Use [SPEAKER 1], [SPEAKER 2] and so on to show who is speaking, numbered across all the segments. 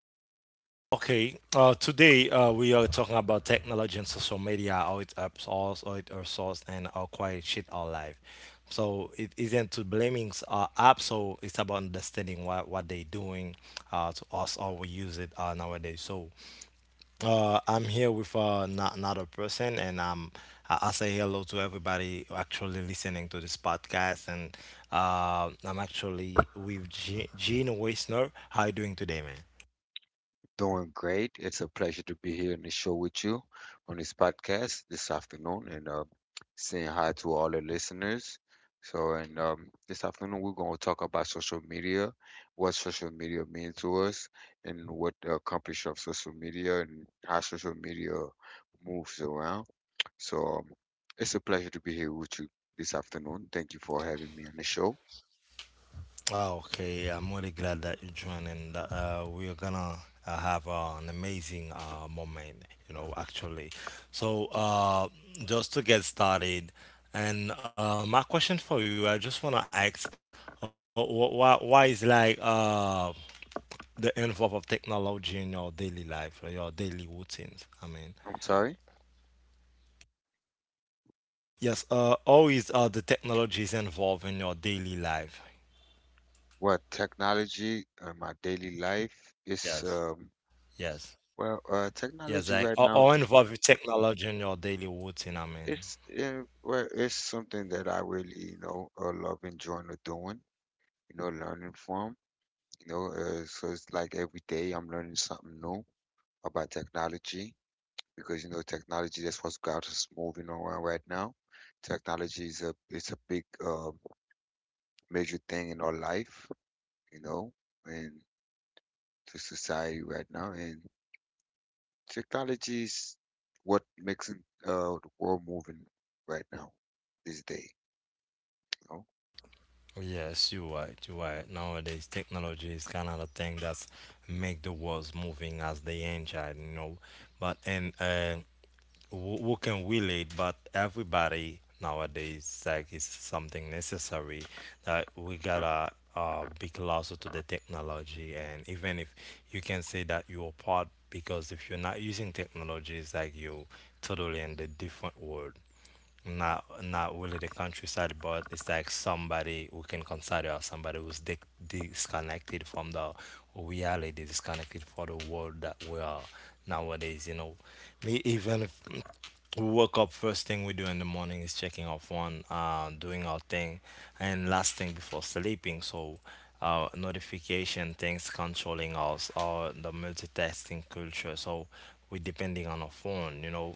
[SPEAKER 1] Okay, today we are talking about technology and social media, how it helps us, how it hurts us, and how quite shit our life. So it isn't to blaming apps, so it's about understanding what they're doing to us, how we use it nowadays. So I'm here with not, another person, and I say hello to everybody actually listening to this podcast. And I'm actually with Gene Weisner. How you doing today, man?
[SPEAKER 2] Doing great. It's a pleasure to be here on the show with you on this podcast this afternoon, and saying hi to all the listeners. So, and This afternoon we're going to talk about social media, what social media means to us, and what the accomplishment of social media and how social media moves around. So, um, it's a pleasure to be here with you this afternoon. Thank you for having me on the show.
[SPEAKER 1] Okay, I'm really glad that you joined, and we're gonna have an amazing moment, actually. So, just to get started, and my question for you, I just wanna ask, why is like the involve of technology in your daily life, or your daily routines? I
[SPEAKER 2] I'm
[SPEAKER 1] mean,
[SPEAKER 2] sorry.
[SPEAKER 1] yes, always the technology is involved in your daily life.
[SPEAKER 2] What technology in my daily life is.
[SPEAKER 1] Yes, yes.
[SPEAKER 2] Well, technology right
[SPEAKER 1] Yes, like
[SPEAKER 2] now,
[SPEAKER 1] all involve with technology in your daily routine. I
[SPEAKER 2] it's
[SPEAKER 1] mean,
[SPEAKER 2] well, it's something that I really, you know, love enjoying or doing, you know, learning from, you know, so it's like every day I'm learning something new about technology because, you know, technology, that's what's got us moving around right now. Technology is it's a big, major thing in our life, you know, and to society right now. And technology is what makes the world moving right now, this day. Oh,
[SPEAKER 1] yes, you're right. You're right. Nowadays, technology is kind of the thing that's make the world moving as they enjoy. But and who can relate? But everybody nowadays, like, it's something necessary that we gotta be closer to the technology. And even if you can say that you're part, because if you're not using technology, it's like you totally in the different world. Not really the countryside, but it's like somebody we can consider as somebody who's disconnected from the reality, disconnected for the world that we are nowadays. You know, me even if we woke up, first thing we do in the morning is checking our phone, doing our thing, and last thing before sleeping. So. Notification things controlling us or the multitasking culture, so we're depending on our phone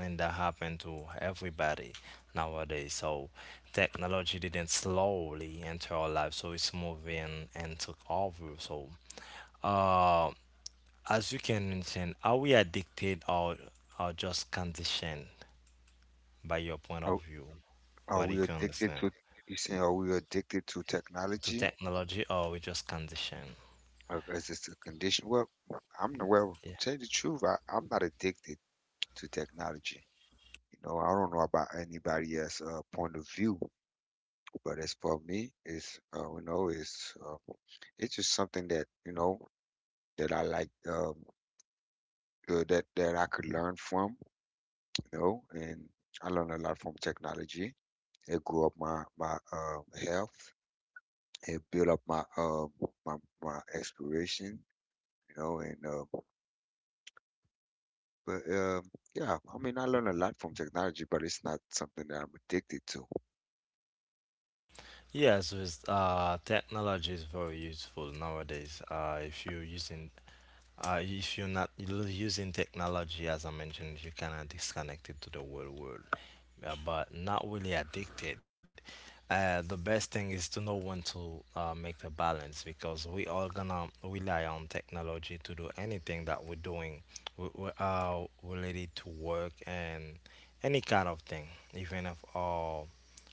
[SPEAKER 1] and that happened to everybody nowadays. So technology didn't slowly enter our life, so it's moving and took over. So uh, as you can mention, are we addicted or are just conditioned by your point
[SPEAKER 2] Are,
[SPEAKER 1] of view?
[SPEAKER 2] are
[SPEAKER 1] What do you
[SPEAKER 2] we
[SPEAKER 1] can
[SPEAKER 2] addicted
[SPEAKER 1] understand
[SPEAKER 2] to? You saying, are we addicted to
[SPEAKER 1] to
[SPEAKER 2] technology?
[SPEAKER 1] technology, or we just conditioned?
[SPEAKER 2] Or is this a condition? Well, I'm not, well, to
[SPEAKER 1] Yeah.
[SPEAKER 2] tell you the truth, I'm not addicted to technology. You know, I don't know about anybody else's point of view, but as for me, you know, it's just something that, you know, that I like, that, I could learn from, you know, and I learned a lot from technology. It grew up my health. It built up my my exploration, you know, and but yeah, I mean I learned a lot from technology, but it's not something that I'm addicted to.
[SPEAKER 1] Yes, with technology is very useful nowadays. If you're not using technology, as I mentioned, you cannot disconnect it to the world, yeah, but not really addicted. The best thing is to know when to make the balance because we all gonna rely on technology to do anything that we're doing, we related to work and any kind of thing, even if our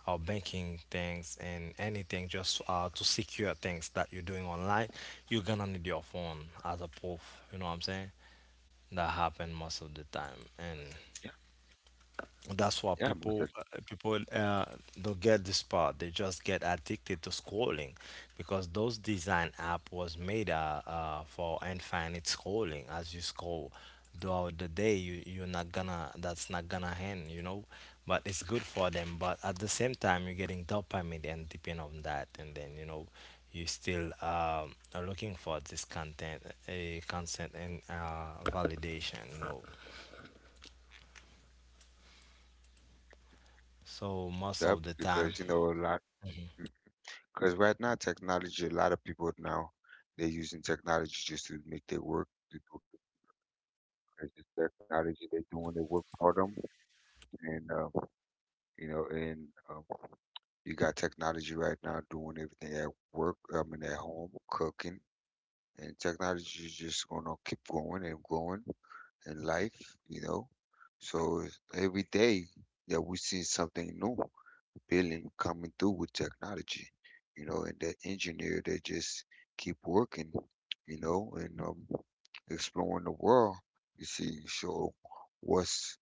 [SPEAKER 1] banking things and anything just to secure things that you're doing online, you're gonna need your phone as a proof. You know what I'm saying? That happen most of the time, and
[SPEAKER 2] Yeah,
[SPEAKER 1] that's why
[SPEAKER 2] yeah, most
[SPEAKER 1] people
[SPEAKER 2] of
[SPEAKER 1] uh, people uh, don't get this part. They just get addicted to scrolling because those design app was made for infinite scrolling. As you scroll throughout the day, you you're not gonna that's not gonna end. But it's good for them. But at the same time, you're getting dopamine and depend on that, and then you still are looking for this content, a consent and validation. So
[SPEAKER 2] yep,
[SPEAKER 1] most of the
[SPEAKER 2] because you
[SPEAKER 1] time.
[SPEAKER 2] know a lot because right now technology, a lot of people now they're using technology just to make their work to do the crazy technology they're doing their work for them, and you know, and you got technology right now doing everything at work, I mean at home, cooking. And technology is just gonna keep growing and growing in life, you know. So every day that we see something new building coming through with technology, you know, and that engineer that just keep working, you know, and exploring the world. You see, show what's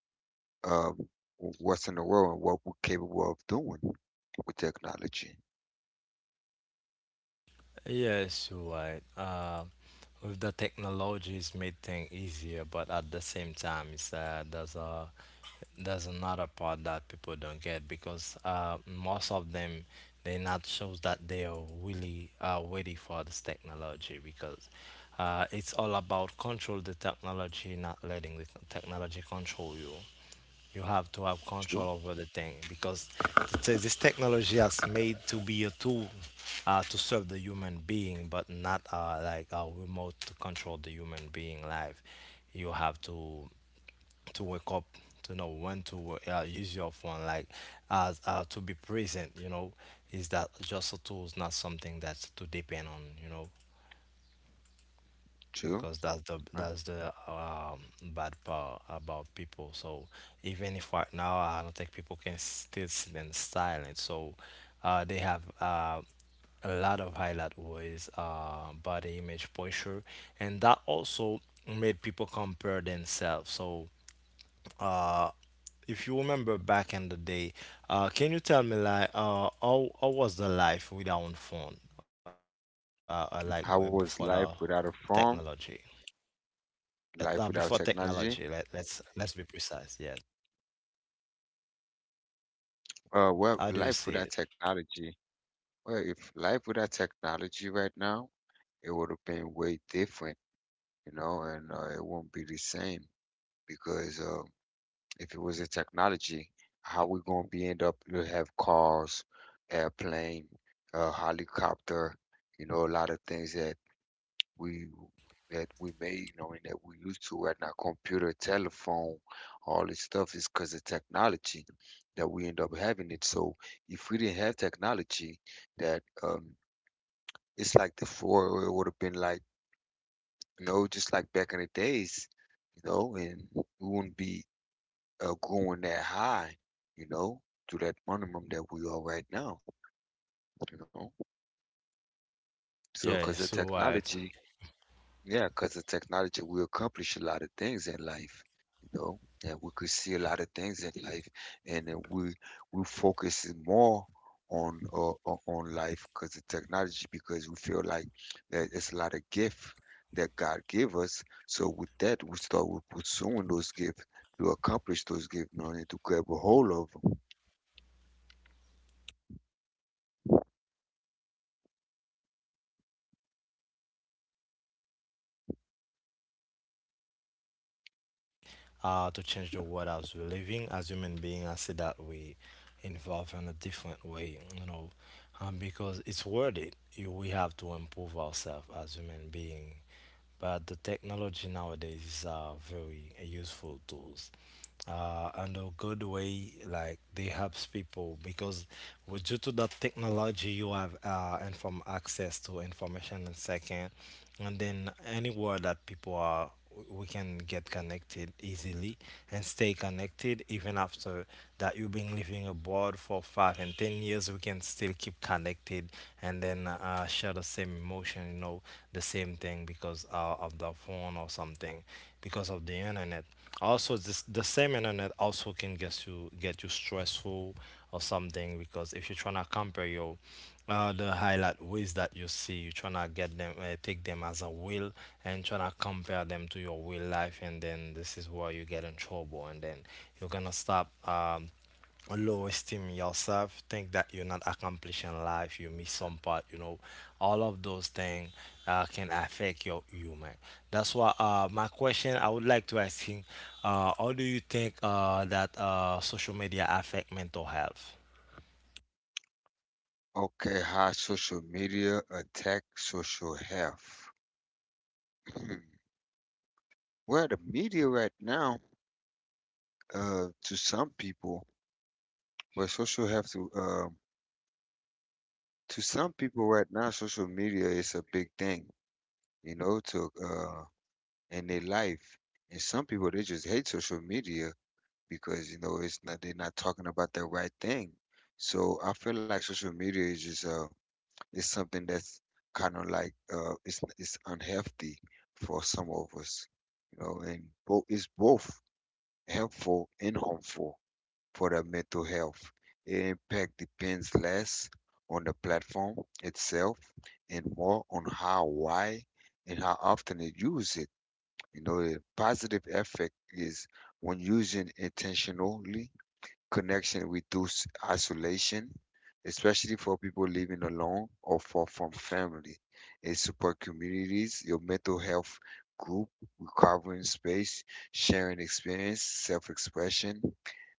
[SPEAKER 2] um what's in the world and what we're capable of doing with technology.
[SPEAKER 1] Yes, you're right. With the technology, it's made things easier, but at the same time, it's there's another part that people don't get because most of them they not shows that they are really ready for this technology because it's all about control the technology, not letting the technology control you. You have to have control
[SPEAKER 2] True,
[SPEAKER 1] over the thing because this technology has made to be a tool to serve the human being, but not like a remote to control the human being life. You have to wake up to know when to use your phone, like as to be present. You know, is that just a tool? It's not something that's to depend on. You know, because
[SPEAKER 2] true.
[SPEAKER 1] that's the that's
[SPEAKER 2] Huh?
[SPEAKER 1] the bad part about people. So even if right now I don't think people can still sit in silence. So they have a lot of highlight with body image posture, and that also made people compare themselves. So uh, if you remember back in the day, can you tell me like how was the life without phone? Before the
[SPEAKER 2] How was life without
[SPEAKER 1] technology
[SPEAKER 2] a farm?
[SPEAKER 1] before
[SPEAKER 2] Life without
[SPEAKER 1] technology, let,
[SPEAKER 2] technology?
[SPEAKER 1] let's let's be precise. Yes, I
[SPEAKER 2] Well,
[SPEAKER 1] do see
[SPEAKER 2] life
[SPEAKER 1] it.
[SPEAKER 2] without technology. Well, if life without technology right now, it would have been way different, you know, and it won't be the same because if it wasn't technology, how we gonna be end up? You'll have cars, airplane, helicopter, you know, a lot of things we that we made, knowing that we used to right our computer, telephone, all this stuff is because of technology that we end up having it. So if we didn't have technology, that it's like the four, it would have been like, you know, just like back in the days, you know, and we wouldn't be going that high, you know, to that minimum that we are right now, you know. So
[SPEAKER 1] Yeah,
[SPEAKER 2] because
[SPEAKER 1] it's
[SPEAKER 2] of
[SPEAKER 1] so right.
[SPEAKER 2] technology, yeah, because the technology, we accomplish a lot of things in life, you know, and we could see a lot of things in life, and then we focus more on on life because the technology, because we feel like that it's a lot of gift that God gave us. So with that, we start with pursuing those gifts to accomplish those gifts, you know, and to grab a hold of.
[SPEAKER 1] To change the world as we're living as human beings, I see that we involve in a different way, because it's worth it. We have to improve ourselves as human being. But the technology nowadays is a very useful tool and a good way like they helps people because due to that technology you have inform access to information in second, and then anywhere that people we can get connected easily and stay connected even after that you've been living abroad for 5 and 10 years, we can still keep connected, and then share the same emotion, the same thing because of the phone or something, because of the internet. Also this the same internet also can get you stressful or something, because if you're trying to compare your the highlight ways that you see, you're trying to get them take them as a will, and trying to compare them to your real life, and then this is where you get in trouble, and then you're gonna stop a low esteem in yourself, think that you're not accomplishing life, you miss some part, all of those things can affect your human. That's why my question I would like to ask him, how do you think that social media affect mental health?
[SPEAKER 2] Okay, how social media attack social health. Hmm. Well, the media right now, to some people, well, social health to some people right now, social media is a big thing, you know, to in their life. And some people they just hate social media because you know it's not they're not talking about the right thing. So I feel like social media is just is something that's kind of like it's unhealthy for some of us, you know, and both it's both helpful and harmful for the mental health. It impact depends less on the platform itself and more on how, why, and how often it use it. You know, the positive effect is when using intentionally connection reduces isolation, especially for people living alone or far from family. In support communities, your mental health group, recovering space, sharing experience, self-expression,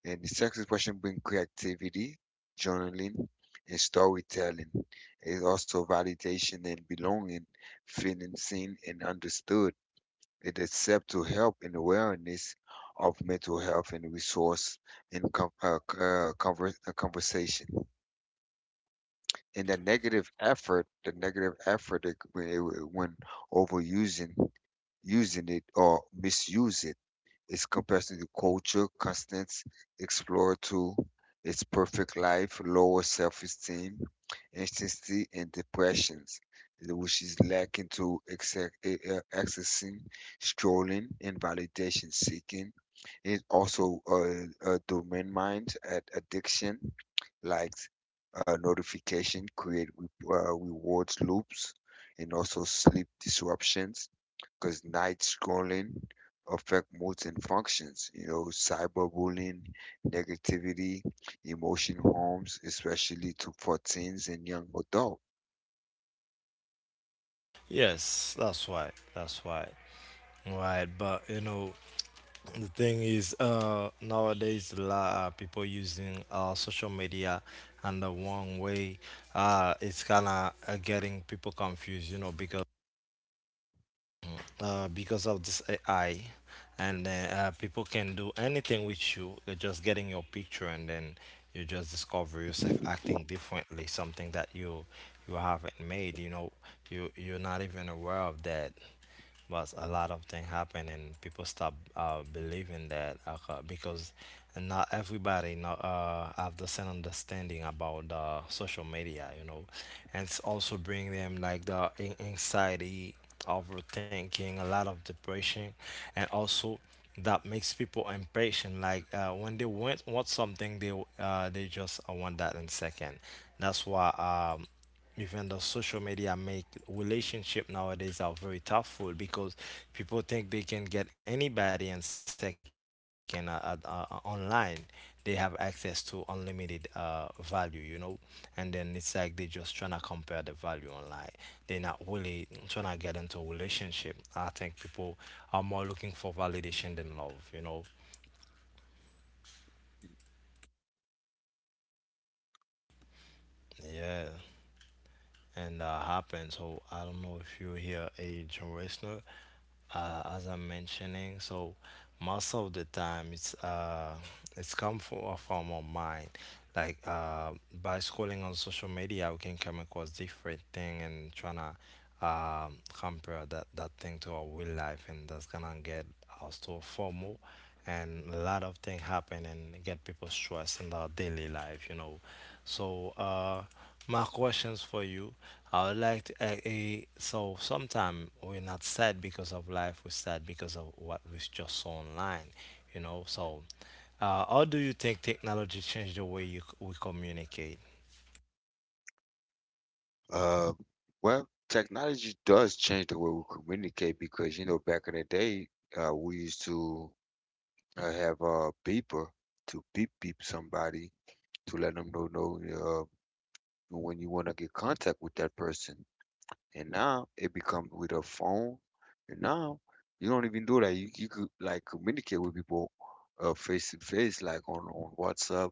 [SPEAKER 2] and the self-expression brings creativity, journaling, and storytelling. It's also validation and belonging, feeling seen and understood. It is set to help in awareness of mental health and resource and conversation and that negative effort, the negative effort when overusing using it or misuse it is comparison to culture, constants, explore to its perfect life, lower self-esteem, anxiety, and depressions, which is lacking to accessing, strolling, and validation seeking. It also domain mind at addiction, like notification, create rewards loops, and also sleep disruptions because night scrolling affect moods and functions. You know, cyberbullying, negativity, emotion harms, especially to for teens and young adults.
[SPEAKER 1] Yes, that's why. That's why. Right, but the thing is, nowadays a lot of people using social media and the wrong way. It's kind of getting people confused, because of this AI, and then people can do anything with you. They're just getting your picture, and then you just discover yourself acting differently, something that you haven't made. You know, you're not even aware of that. But a lot of things happen, and people stop believing that because not everybody not, have the same understanding about the social media, and it's also bring them like the anxiety overthinking, a lot of depression, and also that makes people impatient. Like when they want something, they just want that in second. That's why um, even the social media make relationship nowadays are very tough because people think they can get anybody in second online, they have access to unlimited value, and then it's like they just trying to compare the value online, they're not really trying to get into a relationship. I think people are more looking for validation than love. Yeah, and that happened. So I don't know if you hear a generational as I'm mentioning. So most of the time, it's come from a form of mind. Like by scrolling on social media, we can come across different thing and trying to compare that thing to our real life, and that's gonna get us to a FOMO, and a lot of things happen and get people stressed in their daily life. So my questions for you I would like to, so sometimes we're not sad because of life, we're sad because of what we just saw online. So, how do you think technology changed the way we communicate?
[SPEAKER 2] Uh, well, technology does change the way we communicate because, you know, back in the day, we used to have a beeper to beep beep somebody to let them know when you want to get contact with that person. And now it becomes with a phone. And now you don't even do that. You could like communicate with people face to face, like on WhatsApp,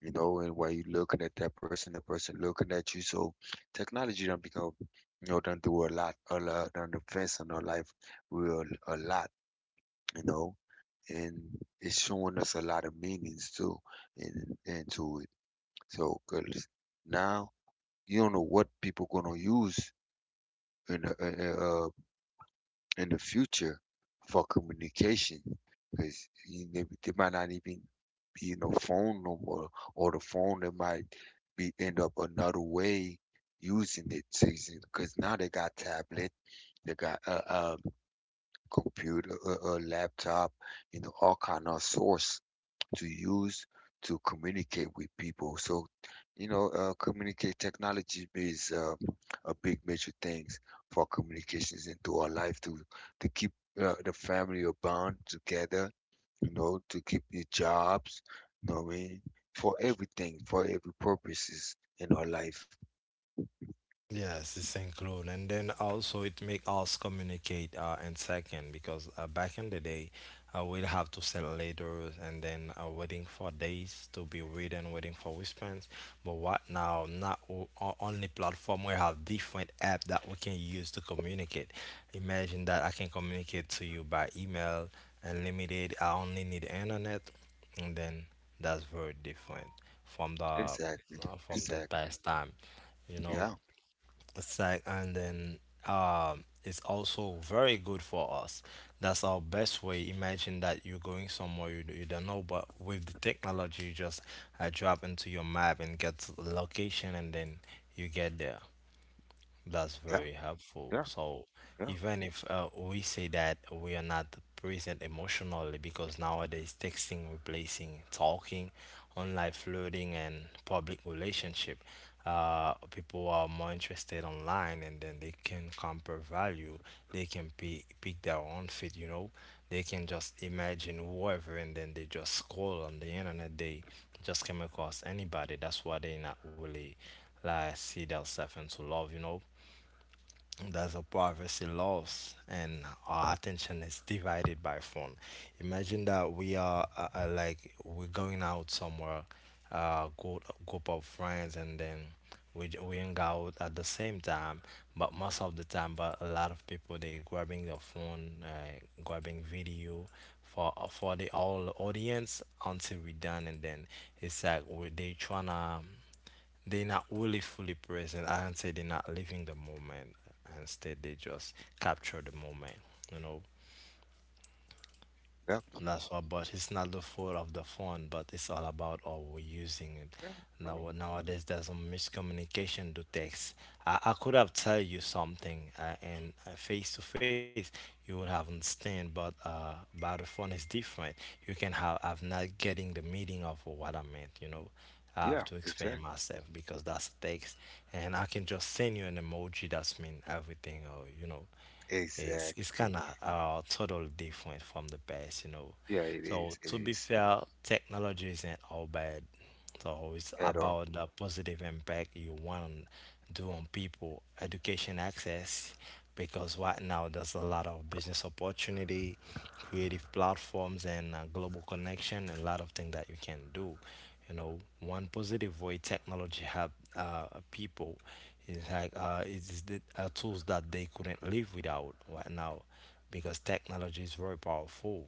[SPEAKER 2] you know, and while you looking at that person, the person looking at you. So technology done become, you know, done do a lot, done advance in our life real a lot, you know, and it's showing us a lot of meanings too, and into it. So 'cause now you don't know what people gonna use in in the future for communication because they, might not even be no phone no more or the phone they might be end up another way using it because now they got tablet they got a computer a laptop you know all kind of source to use to communicate with people. So, you know, communicate technology is a big major things for communications into our life to keep the family or bond together. You know, to keep your jobs. You know what I mean? For everything, for every purposes in our life.
[SPEAKER 1] Yes, it's include, and then also it make us communicate in second because back in the day, we'd have to send letters and then waiting for days to be read and waiting for response. But what now? Not only platform we have different app that we can use to communicate. Imagine that I can communicate to you by email, unlimited. I only need internet, and then that's very different from the uh,
[SPEAKER 2] Exactly,
[SPEAKER 1] from the
[SPEAKER 2] exactly.
[SPEAKER 1] past time. you know
[SPEAKER 2] Yeah,
[SPEAKER 1] it's like, and then it's also very good for us. That's our best way. Imagine that you're going somewhere you don't know, but with the technology, you just drop into your map and get to the location, and then you get there. That's
[SPEAKER 2] yeah,
[SPEAKER 1] very helpful.
[SPEAKER 2] yeah,
[SPEAKER 1] So
[SPEAKER 2] yeah,
[SPEAKER 1] even if we say that we are not present emotionally, because nowadays texting replacing talking, online flirting and public relationship, people are more interested online, and then they can compare value. They can pick their own fit. You know, they can just imagine whoever, and then they just scroll on the internet. They just came across anybody. That's why they not really like see themselves into love, There's a privacy loss, and our attention is divided by phone. Imagine that we are like we're going out somewhere, go group of friends, and then we hang out at the same time. But most of the time, but a lot of people they grabbing their phone, grabbing video for the all audience until we done, and then it's like we they tryna they're not really fully present. I do not say they're not living the moment. Instead, they just capture the moment. You know,
[SPEAKER 2] yeah,
[SPEAKER 1] that's why, but it's not the fault of the phone, but it's all about how we're using it.
[SPEAKER 2] yeah. I mean,
[SPEAKER 1] Nowadays, there's a miscommunication to text. I could have tell you something, and face to face, you would have understand, but by the phone is different. You can have not getting the meaning of what I meant, you know. I have
[SPEAKER 2] yeah,
[SPEAKER 1] to
[SPEAKER 2] exactly,
[SPEAKER 1] explain myself because that's text, and I can just send you an emoji that's mean everything, or you know. It's
[SPEAKER 2] exactly.
[SPEAKER 1] kind of totally different from the past, you know.
[SPEAKER 2] Yeah,
[SPEAKER 1] So
[SPEAKER 2] it
[SPEAKER 1] to be
[SPEAKER 2] is
[SPEAKER 1] fair, technology isn't all bad. So it's
[SPEAKER 2] at all.
[SPEAKER 1] about the positive impact you want to do on people, education access, because right now there's a lot of business opportunity, creative platforms, and global connection, and a lot of things that you can do. You know, one positive way technology help people it's like it's the tools that they couldn't live without right now, because technology is very powerful.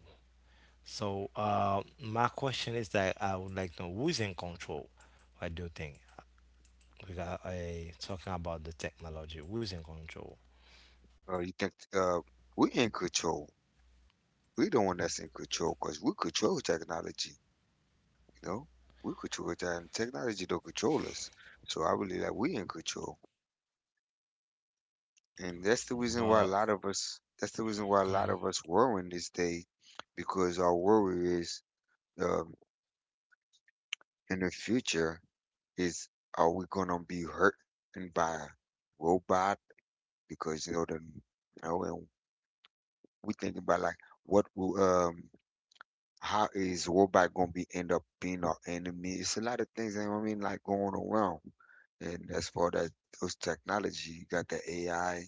[SPEAKER 1] So my question is that I would like to know who's in control. What do you think? Because I talking about the technology, who's in control?
[SPEAKER 2] You think we in control. We the one that's in control because we control technology. You know, we control that, and technology don't control us. So I believe that we in control, and that's the reason
[SPEAKER 1] But
[SPEAKER 2] why a lot of us. That's the reason why a lot of us worrying this day, because our worry is um, in the future is are we gonna be hurting by a robot? Because you know you know, and we thinking about like what will how is robot gonna be end up being our enemy? It's a lot of things you know what I mean like going around. And as far as those technology, you got the AI,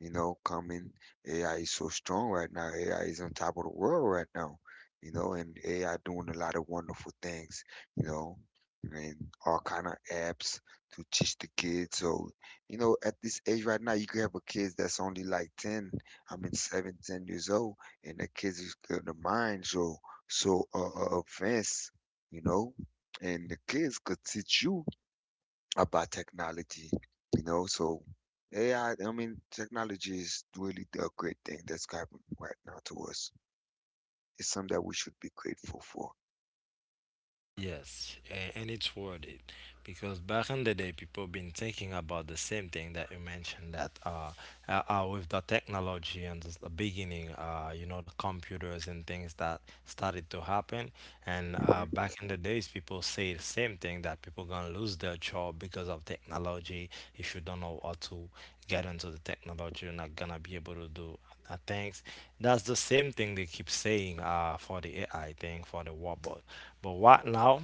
[SPEAKER 2] you know, coming. AI is so strong right now. AI is on top of the world right now, you know, and AI doing a lot of wonderful things, you know, and all kind of apps to teach the kids. So, you know, at this age right now, you could have a kids that's only like 10, I mean, 7, 10 years old, and the kids is good, the mind so advanced, you know, and the kids could teach you about technology, you know. So AI, I I mean, technology is really a great thing that's happening right now to us. It's something that we should be grateful for.
[SPEAKER 1] yes, a- and it's worth it because back in the day, people been thinking about the same thing that you mentioned that with the technology and the beginning, you know, the computers and things that started to happen, and
[SPEAKER 2] Hmm.
[SPEAKER 1] back in the days, people say the same thing that people gonna lose their job because of technology. If you don't know how to get into the technology, you're not gonna be able to do things. That's the same thing they keep saying for the AI thing, for the robot. But right now,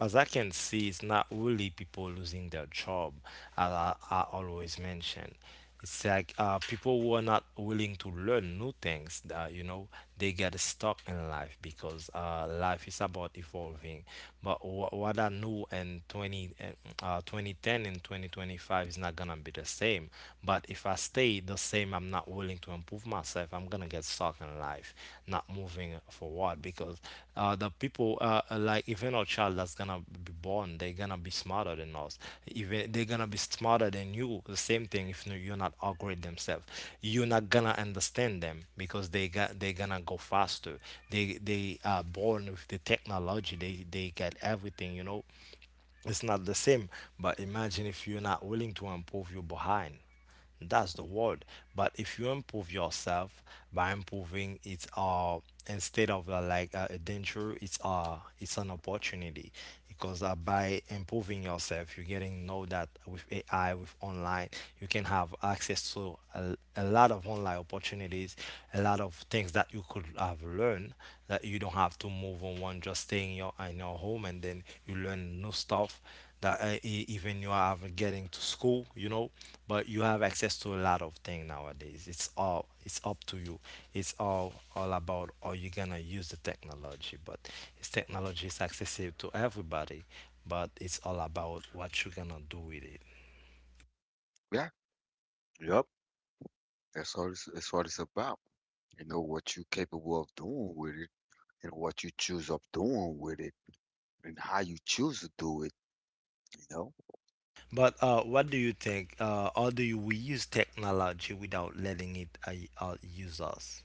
[SPEAKER 1] as I can see, it's not really people losing their job, as I always mention. It's like people who are not willing to learn new things, you know, they get stuck in life because life is about evolving. But what I knew in 2010 and 2025 is not gonna be the same. But if I stay the same, I'm not willing to improve myself. I'm gonna get stuck in life, not moving forward because the people like even our child that's gonna be born they're gonna be smarter than us even they're gonna be smarter than you the same thing if you're not upgrade themselves, you're not gonna understand them because they got they're gonna go faster. They are born with the technology. They get everything, you know. It's not the same. But imagine if you're not willing to improve, you're behind. That's the world. But if you improve yourself by improving, it's instead of like a danger, it's an opportunity because by improving yourself, you're getting know that with AI, with online, you can have access to a lot of online opportunities, a lot of things that you could have learned that you don't have to move on one just staying in your home, and then you learn new stuff that even you are getting to school, you know, but you have access to a lot of things nowadays. It's all it's up to you. It's all about are you gonna use the technology, but it's technology is accessible to everybody, but it's all about what you're gonna do with it.
[SPEAKER 2] Yeah, yep. That's all. It's, that's what it's about. You know what you're capable of doing with it, and what you choose of doing with it, and how you choose to do it. You know,
[SPEAKER 1] But what do you think? How do you, we use technology without letting it use us?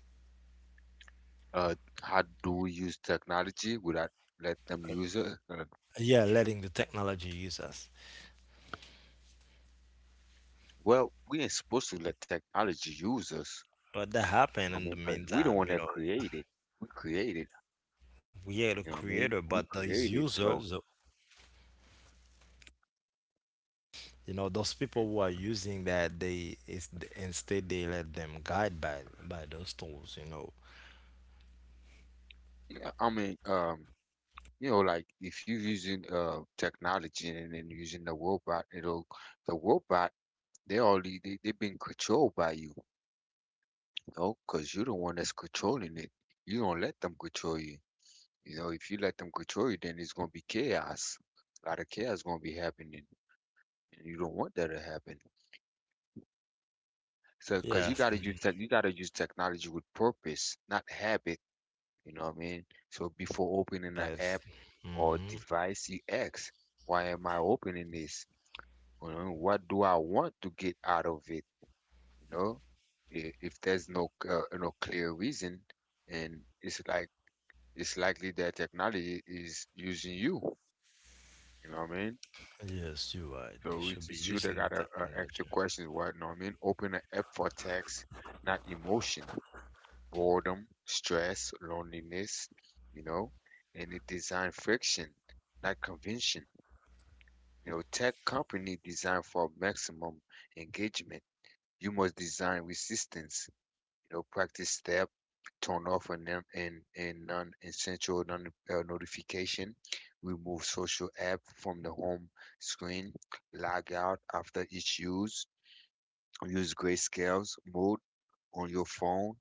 [SPEAKER 2] uh, how do we use technology without let them use it?
[SPEAKER 1] Yeah, letting the technology use us.
[SPEAKER 2] Well, we ain't supposed to let technology use us.
[SPEAKER 1] But that
[SPEAKER 2] I
[SPEAKER 1] happened in the
[SPEAKER 2] mean, cause we the
[SPEAKER 1] meantime,
[SPEAKER 2] one
[SPEAKER 1] you
[SPEAKER 2] that
[SPEAKER 1] know,
[SPEAKER 2] created. We created,
[SPEAKER 1] we are the
[SPEAKER 2] you know what I
[SPEAKER 1] creator,
[SPEAKER 2] mean?
[SPEAKER 1] but
[SPEAKER 2] We
[SPEAKER 1] those
[SPEAKER 2] created,
[SPEAKER 1] users,
[SPEAKER 2] so
[SPEAKER 1] you know, those people
[SPEAKER 2] mm,
[SPEAKER 1] who are using that, they is instead they let them guide by those tools, you know.
[SPEAKER 2] yeah, I mean, you know, like if you're using technology and then using the robot, it'll the robot they already they being controlled by you, you know, 'cause you're the one that's controlling it. You don't let them control you. You know, if you let them control you, then it's gonna be chaos. A lot of chaos gonna be happening, and you don't want that to happen. So, because you
[SPEAKER 1] Yes,
[SPEAKER 2] gotta use
[SPEAKER 1] mm,
[SPEAKER 2] tech, you gotta use technology with purpose, not habit. You know what I mean? So before opening an
[SPEAKER 1] yes,
[SPEAKER 2] app or
[SPEAKER 1] hmm,
[SPEAKER 2] device, you ask, why am I opening this? You know, what do I want to get out of it? You know, if there's no clear reason, and it's likely that technology is using you. You know what I mean?
[SPEAKER 1] yes, you're right. We
[SPEAKER 2] So
[SPEAKER 1] should
[SPEAKER 2] it's,
[SPEAKER 1] be
[SPEAKER 2] it's you that
[SPEAKER 1] using the
[SPEAKER 2] gotta ask the
[SPEAKER 1] technology.
[SPEAKER 2] questions. What? You know what I mean? Open an app for text, not emotion. Boredom, stress, loneliness, you know, and it design friction, not convention. You know, tech company design for maximum engagement. You must design resistance. You know, practice step, turn off an and non and non-essential notification, remove social app from the home screen, log out after each use, use grayscales mode on your phone,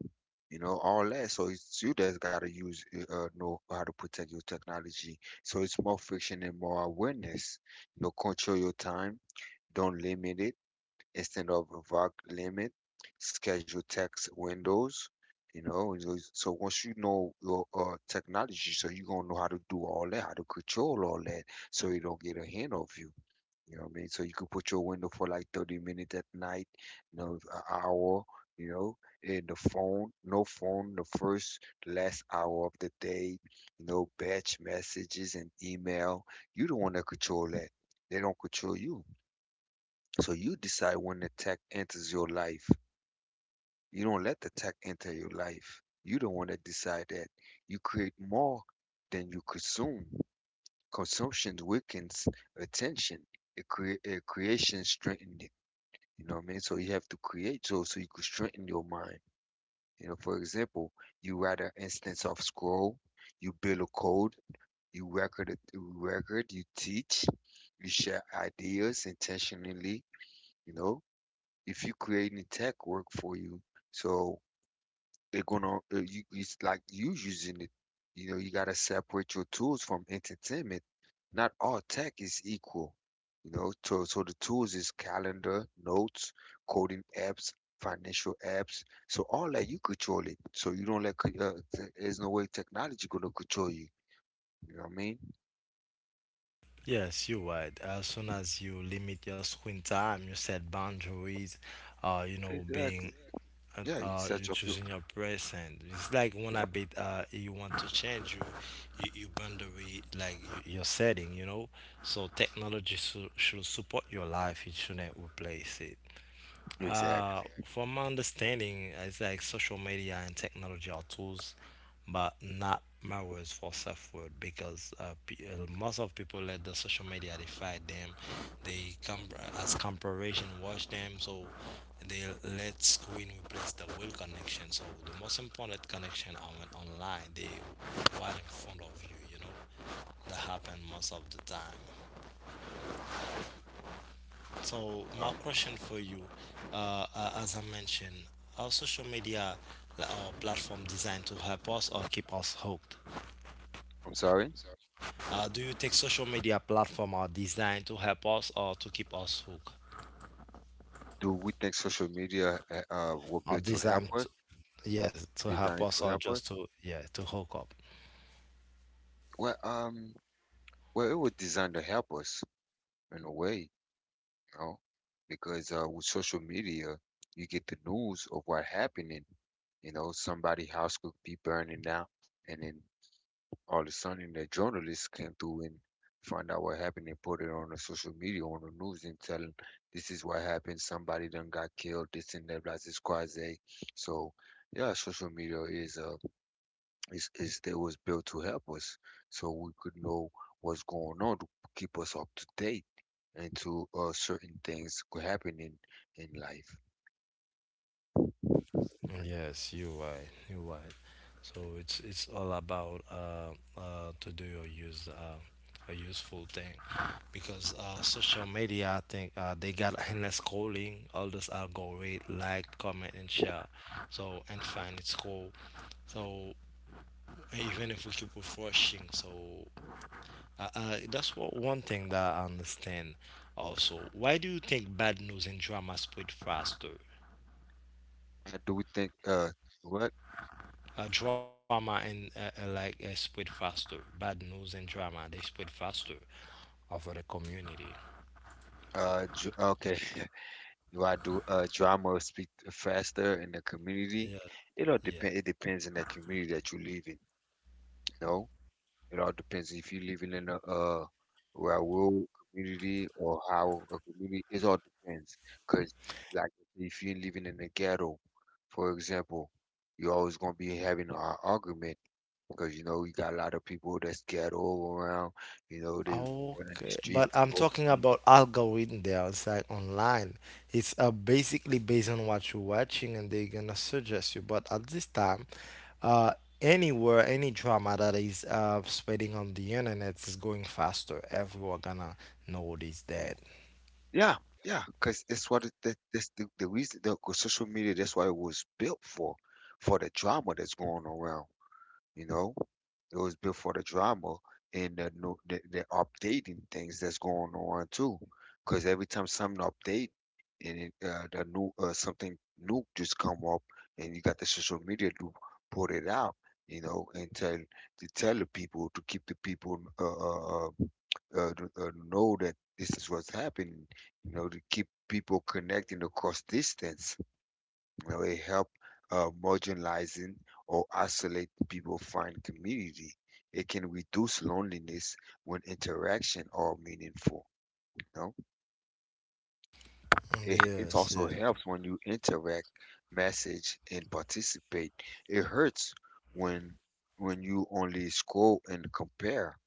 [SPEAKER 2] you know, all that. So it's you that's got to use, know how to protect your technology. So it's more friction and more awareness. You know, control your time. Don't limit it. Instead of a vague limit, schedule text windows. You know, and so once you know your technology, so you're gonna know how to do all that, how to control all that, so you don't get a hand of you. You know what I mean? So you could put your window for like 30 minutes at night, you know, an hour, you know, and the phone, no phone the first, last hour of the day, you know, batch messages and email. You the one that control that. They don't control you. So you decide when the tech enters your life. You don't let the tech enter your life. You the one that decide that. You create more than you consume. Consumption weakens attention it creation strengthens you know what I mean? So you have to create so you can strengthen your mind. You know, for example, you write an instance of scroll, you build a code, you record it, you record, you teach, you share ideas intentionally, you know, if you create a tech work for you. So it gonna you it's like you using it. You know, you gotta separate your tools from entertainment. Not all tech is equal. You know, so the tools is calendar, notes, coding apps, financial apps. So all that you control it. So you don't there's no way technology gonna control you. You know what I mean?
[SPEAKER 1] Yes, you're right. As soon as you limit your screen time, you set boundaries, you know, being
[SPEAKER 2] Exactly.
[SPEAKER 1] and
[SPEAKER 2] Yeah, you
[SPEAKER 1] you're
[SPEAKER 2] set up your
[SPEAKER 1] choosing your present. It's like when I bit you want to change you, you, you boundary like your setting, you know. So technology should support your life; it shouldn't replace it.
[SPEAKER 2] exactly.
[SPEAKER 1] From my understanding, it's like social media and technology are tools, but not mirrors for self-worth because most of people let the social media define them. They come as comparison, watch them, so they let screen replace the real connection. So the most important connection are on online. They right in front of you, you know. That happen most of the time. So my
[SPEAKER 2] Um,
[SPEAKER 1] question for you, as I mentioned, are social media uh, platform designed to help us or keep us hooked?
[SPEAKER 2] I'm sorry.
[SPEAKER 1] Do you think social media platform are designed to help us or to keep us hooked?
[SPEAKER 2] Do we think social media will
[SPEAKER 1] Are
[SPEAKER 2] be to help
[SPEAKER 1] designed
[SPEAKER 2] us,
[SPEAKER 1] to, yes, to help
[SPEAKER 2] designed
[SPEAKER 1] us
[SPEAKER 2] to
[SPEAKER 1] or
[SPEAKER 2] help us?
[SPEAKER 1] just to yeah to hook up?
[SPEAKER 2] Well, well, it was designed to help us in a way, you know, because with social media, you get the news of what happening. You know, somebody house could be burning down, and then all of a sudden the journalists came through and find out what happened and put it on the social media, on the news, and telling this is what happened. Somebody done got killed. This and that. Blah, this, quasi. So, yeah, social media is is they was built to help us so we could know what's going on to keep us up to date and to certain things could happen in life.
[SPEAKER 1] Yes, you're right. You're right. So it's all about to do or use a useful thing, because social media, I think they got endless scrolling, all this algorithm, like, comment, and share. So and find it's cool. So even if we keep refreshing, so that's what one thing that I understand. Also, why do you think bad news and drama spread faster?
[SPEAKER 2] I do think what
[SPEAKER 1] Drama and like spread faster. Bad news and drama they spread faster over the community.
[SPEAKER 2] Okay. Do I do drama or speak faster in the community?
[SPEAKER 1] Yeah,
[SPEAKER 2] It all
[SPEAKER 1] yeah.
[SPEAKER 2] depend. It depends on the community that you live in. You know, it all depends if you living in a where a rural community or how a community. It all depends. Cause like if you're living in a ghetto, for example, you're always gonna be having an argument because you know you got a lot of people that's ghetto around. You know they in the
[SPEAKER 1] Okay, but
[SPEAKER 2] streets
[SPEAKER 1] I'm
[SPEAKER 2] smoking.
[SPEAKER 1] talking about algorithm there. It's like online. It's basically based on what you're watching, and they're gonna suggest you. But at this time, uh, anywhere, any drama that is spreading on the internet is going faster. Everyone gonna know it is dead.
[SPEAKER 2] Yeah, yeah, because it's what it, that that's the reason the 'cause social media. That's what it was built for the drama that's going around. You know, it was built for the drama and the no the, the updating things that's going on too. Because every time something update and it, the new something new just come up, and you got the social media to put it out. You know, and tell the people to keep the people know that this is what's happening, you know, to keep people connecting across distance, really help marginalizing or isolate people find community. It can reduce loneliness when interaction are meaningful. You know? It
[SPEAKER 1] Yes,
[SPEAKER 2] also
[SPEAKER 1] yeah.
[SPEAKER 2] helps when you interact, message, and participate. It hurts when when you only scroll and compare.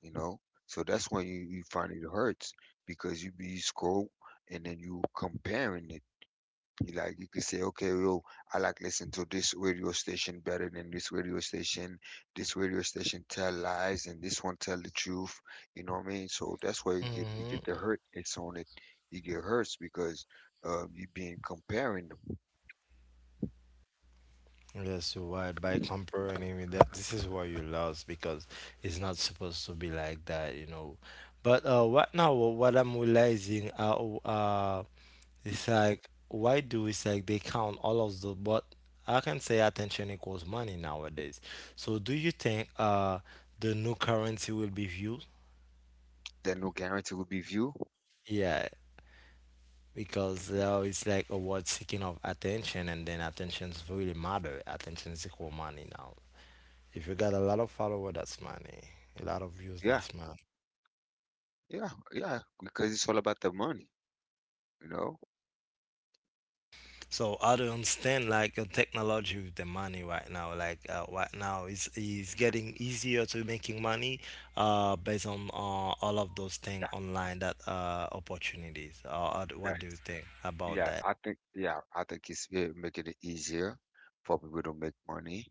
[SPEAKER 2] You know, so that's when you find it hurts because you be scroll and then you comparing it. You like you could say, okay, yo, I like listen to this radio station better than this radio station. This radio station tell lies and this one tell the truth. You know what I mean? So that's why you
[SPEAKER 1] Hmm,
[SPEAKER 2] get the hurtness on it. You get hurts because you been comparing them.
[SPEAKER 1] yes, you're right. By comparing with that, this is why you lost because it's not supposed to be like that, you know. But right now, what I'm realizing, uh, it's like why do it's like they count all of the but I can say attention equals money nowadays. So do you think the new currency will be viewed?
[SPEAKER 2] There no guarantee will be view.
[SPEAKER 1] Yeah, because now it's like a word seeking of attention, and then attention's really matter. Attention is equal money now. If you got a lot of follower, that's money. A lot of views,
[SPEAKER 2] Yeah.
[SPEAKER 1] that's money.
[SPEAKER 2] Yeah, yeah, because it's all about the money, you know?
[SPEAKER 1] So I don't understand like the technology with the money right now. Like right now, it's getting easier to making money based on all of those
[SPEAKER 2] Yeah,
[SPEAKER 1] things online that opportunities. What
[SPEAKER 2] yes.
[SPEAKER 1] do you think about
[SPEAKER 2] Yeah,
[SPEAKER 1] that?
[SPEAKER 2] I think it's yeah, making it easier for people to make money,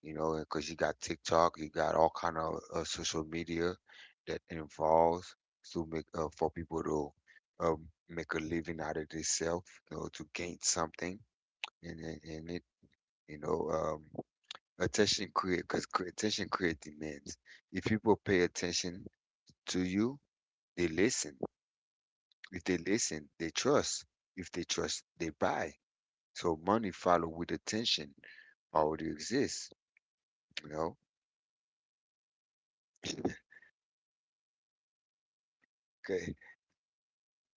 [SPEAKER 2] you know, because you got TikTok, you got all kind of social media that involves to make for people to make a living out of themselves, you know, to gain something in it, you know, attention create demands. If people pay attention to you, they listen. If they listen, they trust. If they trust, they buy. So money follow with attention already exists, you know? Okay.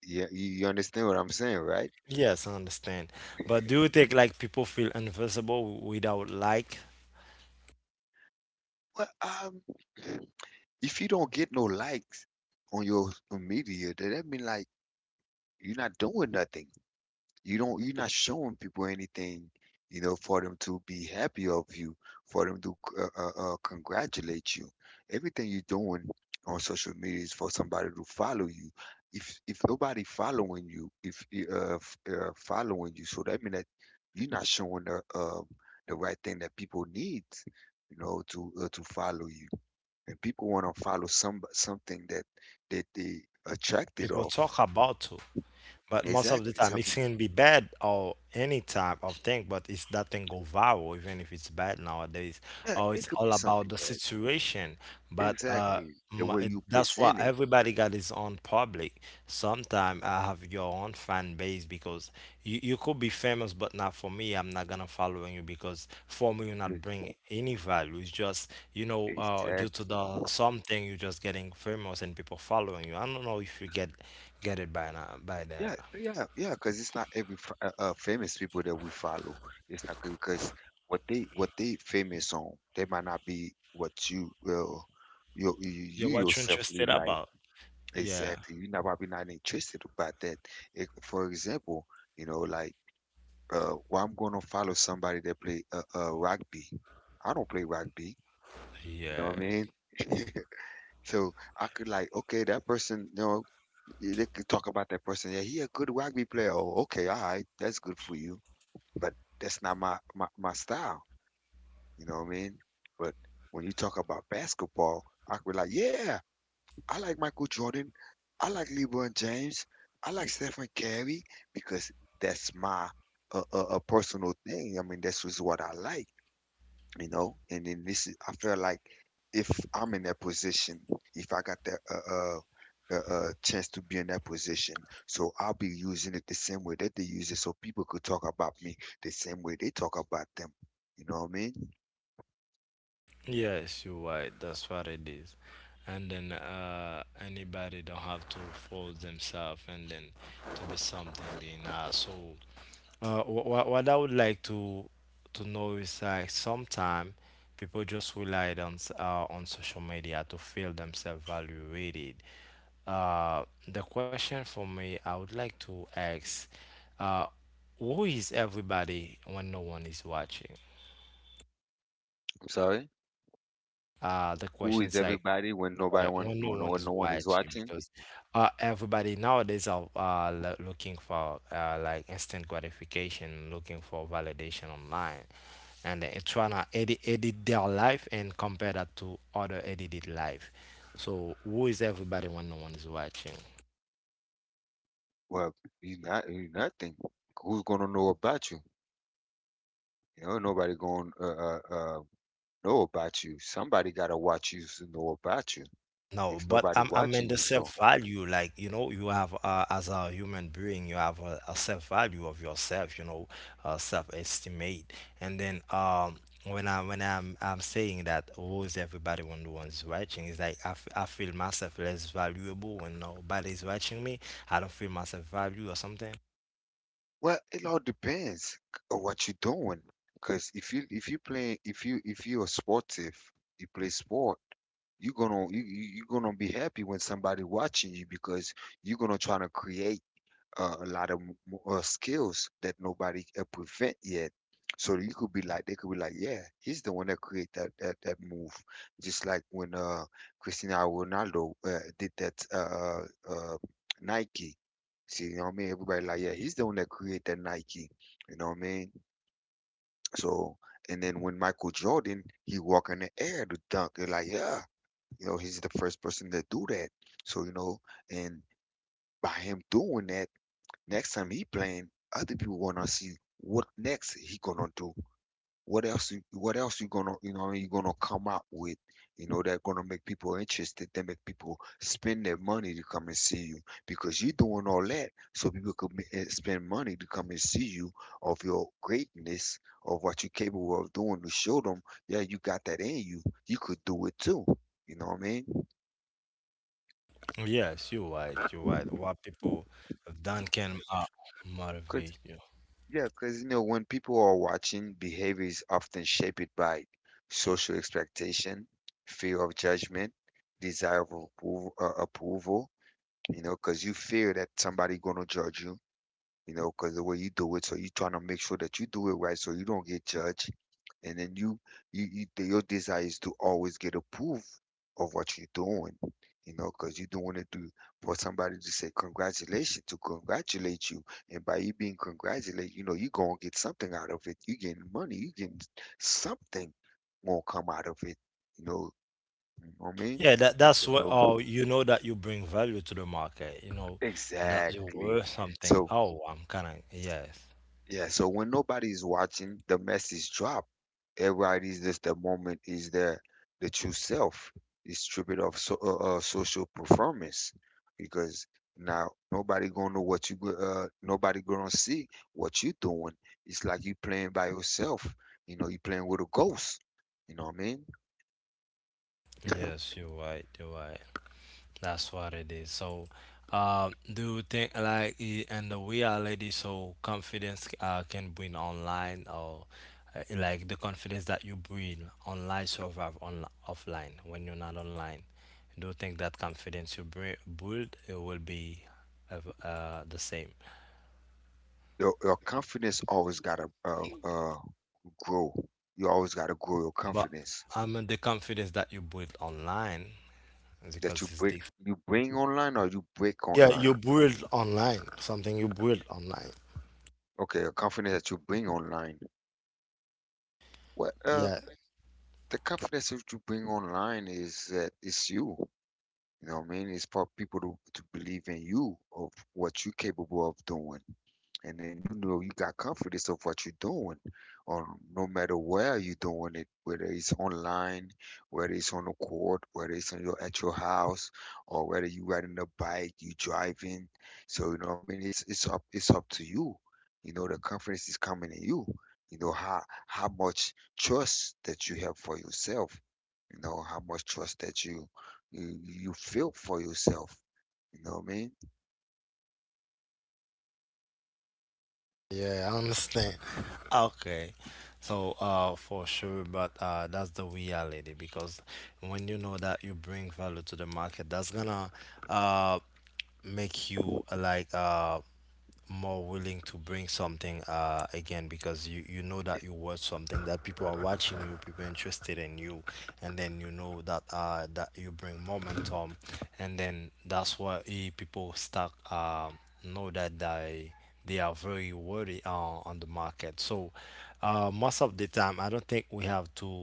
[SPEAKER 2] Yeah, you understand what I'm saying, right?
[SPEAKER 1] Yes, I understand. But do you think like people feel invisible without like
[SPEAKER 2] Well, if you don't get no likes on your media, then that mean like you're not doing nothing. You're not showing people anything, you know, for them to be happy of you, for them to congratulate you. Everything you're doing on social media is for somebody to follow you. If nobody following you, if following you, so that means that you're not showing the right thing that people need, you know, to follow you. And people want to follow some something that they attracted
[SPEAKER 1] people
[SPEAKER 2] of.
[SPEAKER 1] talk about to? But most of the
[SPEAKER 2] Exactly,
[SPEAKER 1] time, it
[SPEAKER 2] something.
[SPEAKER 1] can be bad or any type of thing, but it's that thing go viral, even if it's bad nowadays.
[SPEAKER 2] Yeah,
[SPEAKER 1] Or
[SPEAKER 2] it
[SPEAKER 1] it's
[SPEAKER 2] could be
[SPEAKER 1] all about
[SPEAKER 2] something
[SPEAKER 1] the
[SPEAKER 2] bad.
[SPEAKER 1] situation. But
[SPEAKER 2] Exactly. The
[SPEAKER 1] m-
[SPEAKER 2] way you
[SPEAKER 1] that's why
[SPEAKER 2] present it.
[SPEAKER 1] everybody got his own public. Sometimes I have your own fan base because you could be famous but not for me. I'm not gonna following you because for me you're not
[SPEAKER 2] e-
[SPEAKER 1] bringing any value. It's just, you know, due to
[SPEAKER 2] Exactly.
[SPEAKER 1] the something you're just getting famous and people following you. I don't know if you get it by now by that.
[SPEAKER 2] Yeah. Because it's not every famous people that we follow. It's not good because what they famous on, they might not be what you well,
[SPEAKER 1] Yeah,
[SPEAKER 2] you
[SPEAKER 1] what you're
[SPEAKER 2] yourself
[SPEAKER 1] interested
[SPEAKER 2] really like.
[SPEAKER 1] about. Yeah,
[SPEAKER 2] Exactly. You know, probably not interested about that. It, for example, you know, like why I'm gonna follow somebody that play rugby. I don't play rugby. You know what I mean?
[SPEAKER 1] yes,
[SPEAKER 2] So I could like, okay, that person, you know, they could talk about that person. Yeah, he a good rugby player. Oh, okay, all right, that's good for you. But that's not my style. You know what I mean? But when you talk about basketball, I could be like, yeah, I like Michael Jordan. I like LeBron James. I like Stephen Curry because that's my a personal thing. I mean, this is what I like, you know, and then this is I feel like if I'm in that position, if I got that chance to be in that position, so I'll be using it the same way that they use it, so people could talk about me the same way they talk about them. You know what I mean?
[SPEAKER 1] yes, you're right. That's what it is. And then anybody don't have to force themselves and then to be something they not. So what I would like to know is like sometimes people just relied on on social media to feel themselves evaluated. The question for me, I would like to ask, uh, who is everybody when no one is watching?
[SPEAKER 2] I'm sorry.
[SPEAKER 1] The
[SPEAKER 2] Who
[SPEAKER 1] question's
[SPEAKER 2] is
[SPEAKER 1] like
[SPEAKER 2] everybody when nobody one
[SPEAKER 1] when no
[SPEAKER 2] no
[SPEAKER 1] one
[SPEAKER 2] no
[SPEAKER 1] is
[SPEAKER 2] no one is
[SPEAKER 1] watching
[SPEAKER 2] watching?
[SPEAKER 1] because everybody nowadays are looking for like instant gratification, looking for validation online. And they're trying to edit their life and compare that to other edited life. So who is everybody when no one is watching?
[SPEAKER 2] Well, you nothing. Who's gonna know about you? You know, nobody gonna know about you. Somebody gotta watch you to know about you.
[SPEAKER 1] No,
[SPEAKER 2] If
[SPEAKER 1] but
[SPEAKER 2] nobody
[SPEAKER 1] I'm I
[SPEAKER 2] watching
[SPEAKER 1] mean the
[SPEAKER 2] you. So
[SPEAKER 1] self value, like you know, you have as a human being, you have a self value of yourself, you know, self estimate, and then when I'm saying that who is everybody when no one's watching. It's like I feel myself less valuable when nobody's watching me. I don't feel myself value or something.
[SPEAKER 2] well, it all depends on what you're doing. Because if you're sportive, you play sport, you're gonna you're gonna be happy when somebody watching you because you're gonna try to create a lot of skills that nobody can prevent yet. So you could be like, they could be like, yeah, he's the one that created that move. Just like when Cristiano Ronaldo did that uh Nike. See, you know what I mean? Everybody like, yeah, he's the one that created that Nike. You know what I mean? So, and then when Michael Jordan, he walk in the air to dunk. They're like, yeah, you know, he's the first person to do that. So, you know, and by him doing that next time he playing, other people wanna see what next he gonna do. What else? What else you gonna you gonna come up with? You know that gonna make people interested. They make people spend their money to come and see you because you're doing all that so people could spend money to come and see you of your greatness of what you're capable of doing to show them, yeah, you got that in you. You could do it too. You know what I mean?
[SPEAKER 1] Well, yes, you're right. You're right. What people have done can
[SPEAKER 2] Good.
[SPEAKER 1] motivate you.
[SPEAKER 2] Yeah, because you know, when people are watching, behavior is often shaped by social expectation, fear of judgment, desire of approval, approval, you know, because you fear that somebody gonna judge you, you know, because the way you do it, so you're trying to make sure that you do it right, so you don't get judged, and then you your desire is to always get approved of what you're doing, you know, because you don't want to do for somebody to say congratulations, to congratulate you, and by you being congratulated, you know, you're gonna get something out of it. You getting money, you getting something gonna come out of it, you know, you know what I mean?
[SPEAKER 1] Yeah, that that's
[SPEAKER 2] And
[SPEAKER 1] what.
[SPEAKER 2] so,
[SPEAKER 1] Oh, you know that you bring value to the market. You know, and that you're
[SPEAKER 2] exactly.
[SPEAKER 1] worth something.
[SPEAKER 2] So
[SPEAKER 1] Oh, I'm kind of yes,
[SPEAKER 2] yeah, so when nobody's watching, the message drop. Everybody's just the moment is their the true self. It's stripped of so, social performance because now nobody gonna know what nobody gonna see what you doing. It's like you playing by yourself. You know, you playing with a ghost. You know what I mean?
[SPEAKER 1] yes. You're right. You're right. That's what it is. So, do you think like in the reality, so confidence can bring online or like the confidence that you bring online survive on offline when you're not online? Do you think that confidence you bring, build it will be of, the same?
[SPEAKER 2] Your confidence always gotta grow. You always gotta grow your
[SPEAKER 1] But
[SPEAKER 2] confidence
[SPEAKER 1] I mean the confidence that you build online
[SPEAKER 2] that
[SPEAKER 1] because it's different.
[SPEAKER 2] you bring online or you break
[SPEAKER 1] Yeah, you
[SPEAKER 2] online.
[SPEAKER 1] build online, something you build online.
[SPEAKER 2] Okay, a confidence that you bring online. Well,
[SPEAKER 1] Yeah,
[SPEAKER 2] the confidence that you bring online is that it's you. You know what I mean? It's for people to believe in you of what you're capable of doing. And then you know you got confidence of what you're doing, or no matter where you're doing it, whether it's online, whether it's on the court, whether it's on your at your house, or whether you riding a bike, you driving. So you know what I mean? It's up it's up to you. You know the confidence is coming in you. You know how much trust that you have for yourself. You know how much trust that you you feel for yourself. You know what I mean?
[SPEAKER 1] Yeah, I understand. Okay. So, for sure, but that's the reality because when you know that you bring value to the market, that's gonna uh make you like more willing to bring something again because you know that you worth something, that people are watching you, people interested in you, and then you know that that you bring momentum, and then that's why people start know that they are very worthy on the market. So most of the time, I don't think we have to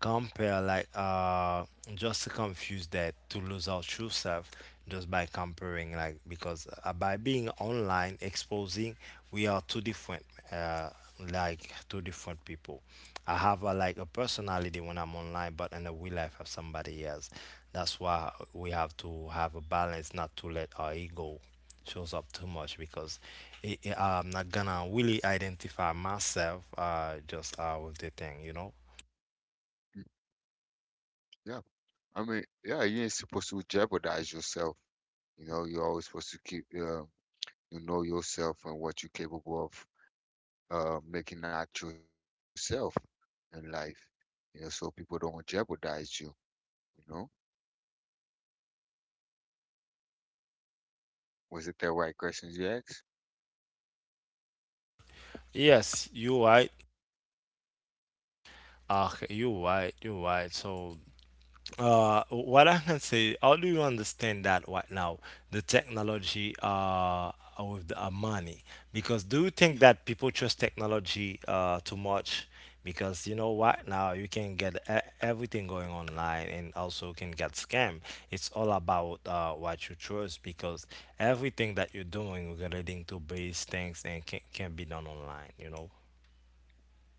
[SPEAKER 1] compare like just to confuse that to lose our true self just by comparing like because by being online exposing we are two different uh, like two different people. I have like a personality when I'm online, but in the real life of somebody else. That's why we have to have a balance, not to let our ego shows up too much because I'm not gonna really identify myself just with the thing, you know.
[SPEAKER 2] Mm. Yeah. I mean, yeah, you ain't supposed to jeopardize yourself. You know, you're always supposed to keep, you know yourself and what you're capable of making out yourself in life. You know, so people don't jeopardize you. You know, was it the right questions you asked?
[SPEAKER 1] Yes, you right. You right. You right. So what I can say, how do you understand that right now, the technology with the money? Because do you think that people trust technology too much? Because you know what, now you can get everything going online and also can get scam. It's all about what you trust because everything that you're doing relating to base things and can be done online, you know?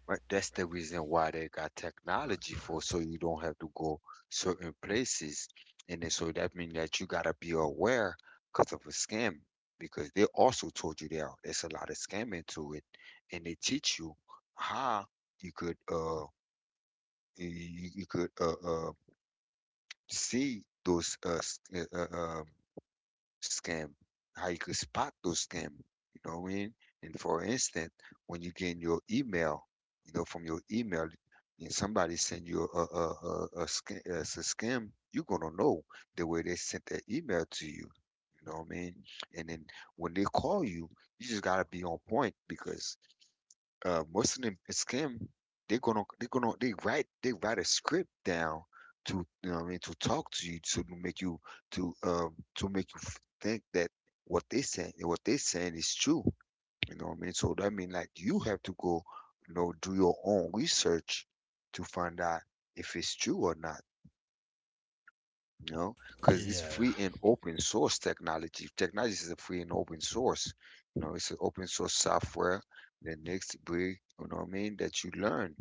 [SPEAKER 2] Right, that's the reason why they got technology for, so you don't have to go certain places. And then so that means that you gotta be aware because of a scam, because they also told you there's a lot of scam into it, and they teach you how you could you you could see those uh um, scam, how you could spot those scam. You know what I mean? And for instance, when you get your email, you know, from your email, and somebody send you a scam, a scam, you're gonna know the way they sent that email to you. You know what I mean? And then when they call you, you just gotta be on point because most of them scam. They gonna they write a script down to, you know what I mean, to talk to you to make you to make you think that what they saying is true. You know what I mean? So that mean like you have to go, you know, do your own research to find out if it's true or not, you know, because it's
[SPEAKER 1] Yeah.
[SPEAKER 2] free and open source technology. Technology is a free and open source. You know, it's an open source software. The next big, you know what I mean, that you learn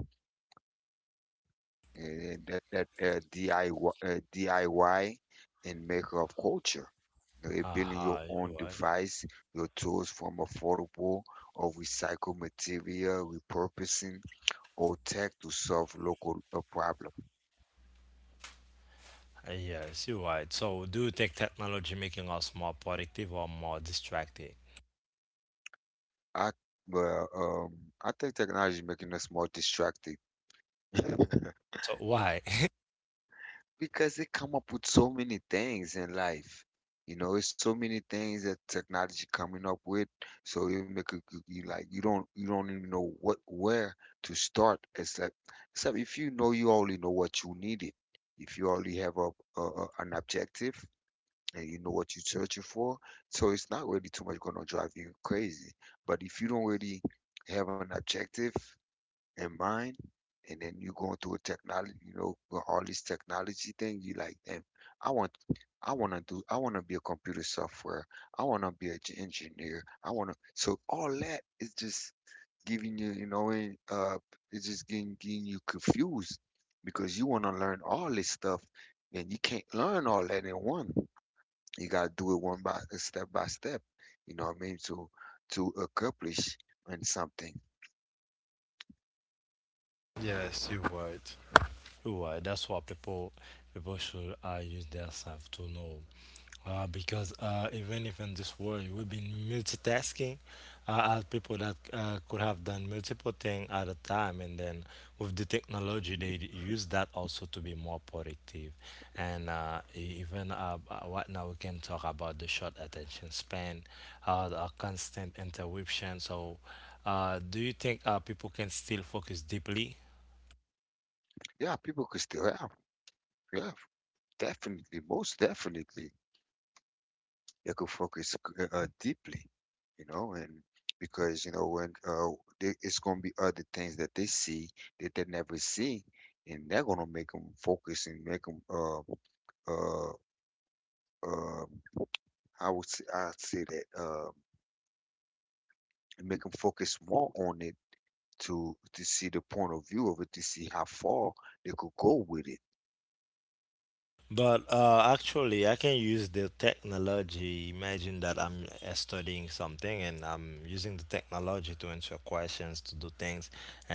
[SPEAKER 2] and that DIY, DIY and maker of culture. You know, you're building
[SPEAKER 1] Aha,
[SPEAKER 2] your
[SPEAKER 1] uh-huh,
[SPEAKER 2] own
[SPEAKER 1] you right.
[SPEAKER 2] device, your tools from affordable or recycled material, repurposing old tech to solve local problem.
[SPEAKER 1] Yes, you're right. So, do you think technology making us more productive or more distracted?
[SPEAKER 2] I, well, I think technology is making us more distracted
[SPEAKER 1] So, why?
[SPEAKER 2] because they come up with so many things in life. You know, it's so many things that technology coming up with, so it make it, you like you don't even know what where to start. Except except if you know you only know what you needed. If you only have an objective and you know what you're searching for, so it's not really too much gonna drive you crazy. But if you don't really have an objective and mind, and then you're going through a technology, you know, with all this technology thing, you like, damn, I want, I want to do, I want to be a computer software, I want to be an engineer, I want to. So all that is just giving you, you know, and, it's just getting you confused because you want to learn all this stuff, and you can't learn all that in one. You gotta do it one by step by step. You know what I mean? To accomplish in something.
[SPEAKER 1] Yes, you're right. You're right. That's what people people should use themselves to know. Because even if in this world we've been multitasking, as people that could have done multiple things at a time, and then with the technology, they use that also to be more productive. And even right now, we can talk about the short attention span, the constant interruption. So, do you think people can still focus deeply?
[SPEAKER 2] Yeah, people could still have. Yeah, definitely, most definitely, they could focus deeply, you know, and because you know when they, it's gonna be other things that they see that they never see, and they're gonna make them focus and make them uh, uh, I'd say that make them focus more on it to see the point of view of it, to see how far they could go with it.
[SPEAKER 1] But actually, I can use the technology. Imagine that I'm studying something and I'm using the technology to answer questions, to do things,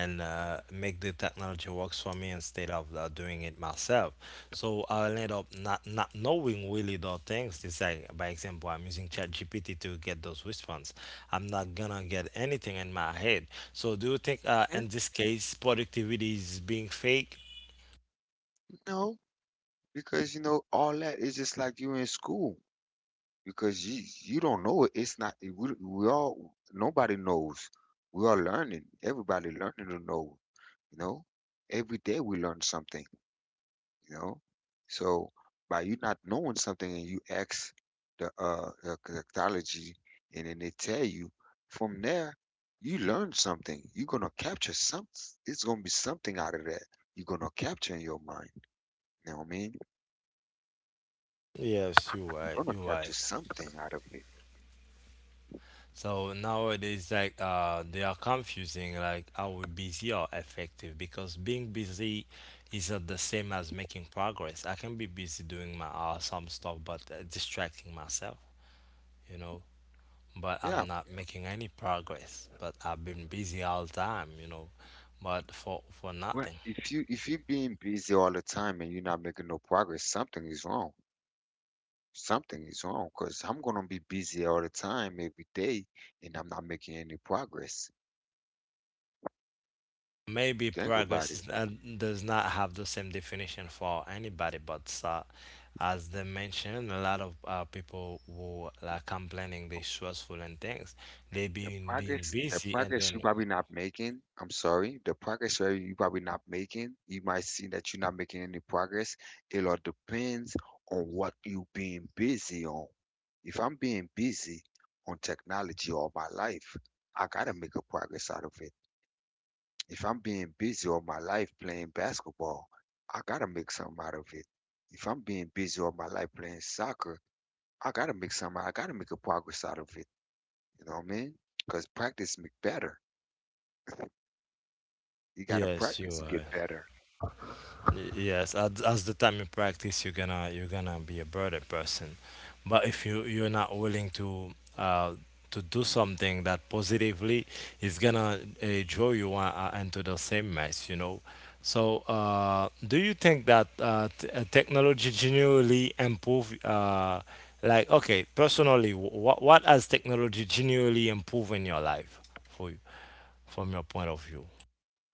[SPEAKER 1] and make the technology works for me instead of doing it myself. So I'll end up not knowing really the things. It's like, by example, I'm using ChatGPT to get those response. I'm not gonna get anything in my head. So do you think in
[SPEAKER 2] And
[SPEAKER 1] this case productivity is being fake?
[SPEAKER 2] no, because you know all that is just like you in school, because you don't know it. It's not we all nobody knows. We are learning. Everybody learning to know. You know, every day we learn something. You know, so by you not knowing something and you ask the cryptology and then they tell you, from there you learn something. You're gonna capture some. It's gonna be something out of that. You're gonna capture in your mind. You know what I mean?
[SPEAKER 1] Yes, you're
[SPEAKER 2] You're
[SPEAKER 1] right.
[SPEAKER 2] gonna
[SPEAKER 1] You're right.
[SPEAKER 2] capture something out of it.
[SPEAKER 1] So nowadays, like they are confusing like how busy or effective because being busy is not the same as making progress. I can be busy doing my some stuff, but distracting myself, you know. But
[SPEAKER 2] Yeah.
[SPEAKER 1] I'm not making any progress. But I've been busy all time, you know, but for
[SPEAKER 2] Well,
[SPEAKER 1] nothing.
[SPEAKER 2] if you being busy all the time and you're not making no progress, something is wrong. Something is wrong because I'm gonna be busy all the time every day and I'm not making any progress.
[SPEAKER 1] Maybe
[SPEAKER 2] Think about
[SPEAKER 1] progress
[SPEAKER 2] it.
[SPEAKER 1] is not, does not have the same definition for anybody, but as they mentioned, a lot of people who like complaining they stressful and things, they been being
[SPEAKER 2] The
[SPEAKER 1] busy and
[SPEAKER 2] progress you
[SPEAKER 1] then
[SPEAKER 2] probably not making, I'm sorry, the progress you probably not making, you might see that you're not making any progress. It all depends on what you being busy on. If I'm being busy on technology all my life, I gotta make a progress out of it. If I'm being busy all my life playing basketball, I gotta make something out of it. If I'm being busy all my life playing soccer, I gotta make a progress out of it. You know what I mean? Because practice make better. You gotta
[SPEAKER 1] yes,
[SPEAKER 2] practice
[SPEAKER 1] you
[SPEAKER 2] to
[SPEAKER 1] are.
[SPEAKER 2] get better.
[SPEAKER 1] Yes, as the time you practice, you're gonna be a better person. But if you you're not willing uh, to do something that positively is gonna draw you into the same mess, you know. So, do you think that technology genuinely improve? Like, okay, personally, what has technology genuinely improved in your life for you from your point of view?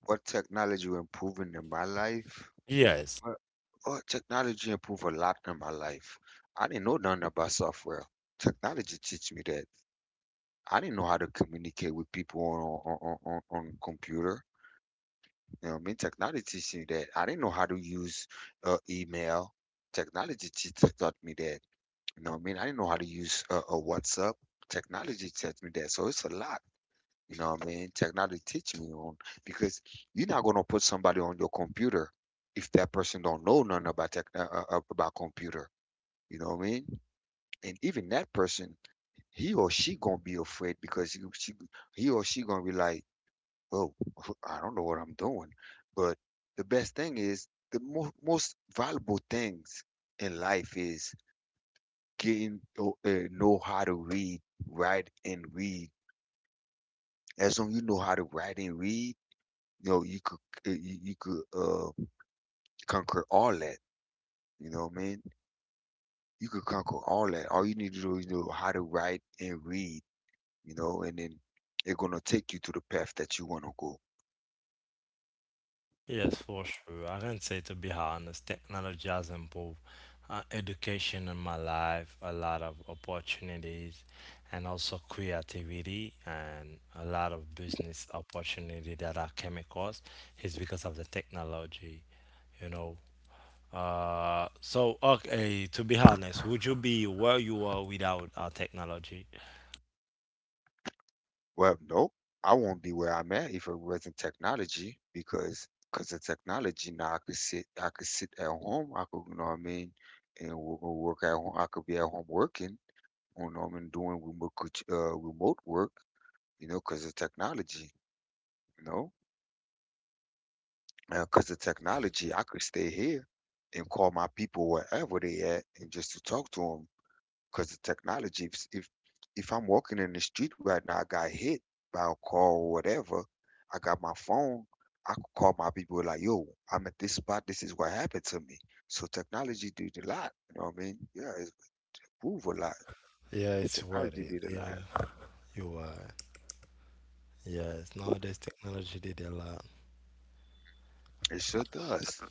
[SPEAKER 2] What technology improving in my life?
[SPEAKER 1] Yes.
[SPEAKER 2] What, what technology improved a lot in my life? I didn't know nothing about software. Technology teach me that. I didn't know how to communicate with people on on computer. You know what I mean? Technology teach me that. I didn't know how to use email. Taught me that. You know what I mean? I didn't know how to use WhatsApp. Technology taught me that. So it's a lot. You know what I mean? Technology teach me on because you're not gonna put somebody on your computer if that person don't know nothing about tech about computer. You know what I mean? And even that person, he or she gonna be afraid because he or she gonna be like, "Oh, I don't know what I'm doing." But the best thing is the most valuable things in life is getting to, know how to write, and read. As long you know how to write and read, you know, you could you could conquer all that. You know what I mean? You could conquer all that. All you need to do is know how to write and read, you know, and then it's gonna take you to the path that you wanna go.
[SPEAKER 1] Yes, for sure. I can say, to be honest, technology has improved education in my life, a lot of opportunities, and also creativity, and a lot of business opportunity that I came across is because of the technology, you know. So, okay, to be honest, would you be where you are without technology?
[SPEAKER 2] Well, nope. I won't be where I'm at if it wasn't technology because of technology now I could sit at home. I could, you know what I mean, and work at home. I could be at home working. You know what I mean, doing remote work. You know, because of technology. You know, because of technology I could stay here and call my people wherever they at and just to talk to them. Because the technology, if if I'm walking in the street right now, I got hit by a car or whatever, I got my phone. I could call my people like, yo, I'm at this spot. This is what happened to me. So technology did a lot. You know what I mean? Yeah, it move a lot.
[SPEAKER 1] Yeah, it's worth
[SPEAKER 2] Technology
[SPEAKER 1] it.
[SPEAKER 2] did a lot.
[SPEAKER 1] Yeah, you are. Yes, nowadays technology did a lot.
[SPEAKER 2] It sure does.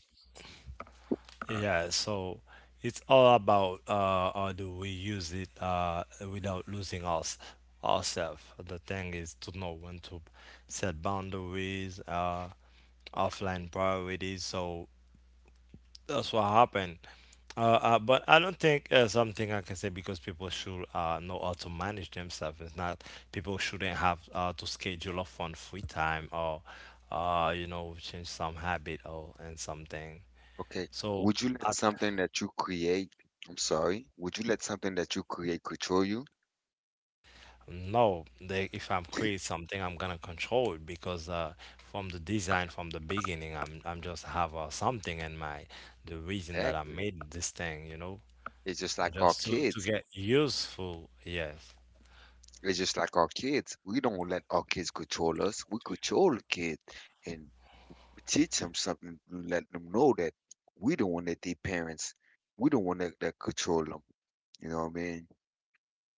[SPEAKER 1] Yeah, so it's all about how do we use it without losing us ourselves. The thing is to know when to set boundaries, offline priorities. So that's what happened. But I don't think something I can say because people should know how to manage themselves. It's not people shouldn't have to schedule off on free time or you know, change some habit or and something.
[SPEAKER 2] Okay.
[SPEAKER 1] So
[SPEAKER 2] Would you let something that you create, I'm sorry, would you let something that you create control you?
[SPEAKER 1] no, they, if I'm create something, I'm gonna control it because from the design, from the beginning, I'm just have something in my, the reason that I
[SPEAKER 2] Exactly.
[SPEAKER 1] made this thing, you know,
[SPEAKER 2] It's just
[SPEAKER 1] and
[SPEAKER 2] like our
[SPEAKER 1] just to
[SPEAKER 2] kids.
[SPEAKER 1] get useful. Yes,
[SPEAKER 2] It's just like our kids. We don't let our kids control us. We control the kid, and we teach them something. We let them know that we the one that they parents. We the one that control them. You know what I mean?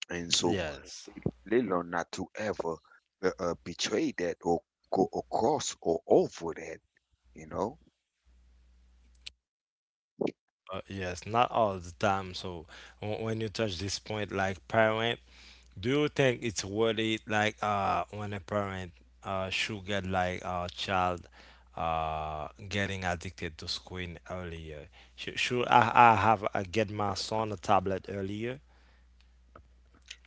[SPEAKER 2] And so
[SPEAKER 1] yes,
[SPEAKER 2] they learn not to ever betray that or go across or over that. You know.
[SPEAKER 1] yes. Not all the time. So w when you touch this point, like parent, do you think it's worth it, like when a parent should get like a child getting addicted to screen earlier? I have I get my son a tablet earlier?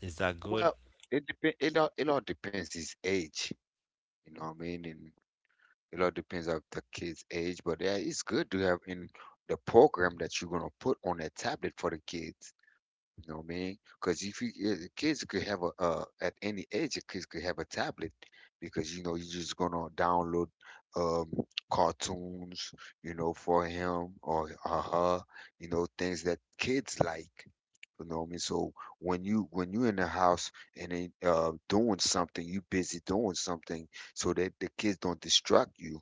[SPEAKER 1] Is that good?
[SPEAKER 2] Well, it depend. It all depends his age. You know what I mean? And it all depends of the kid's age. But yeah, it's good to have in the program that you're gonna put on a tablet for the kids. You know what I mean? Because if you, eh, kids could have a at any age, the kids could have a tablet because you know you're just gonna download um, cartoons, you know, for him or her, you know, things that kids like. You know what I mean? So when you're in the house and they, doing something, you busy doing something so that the kids don't distract you.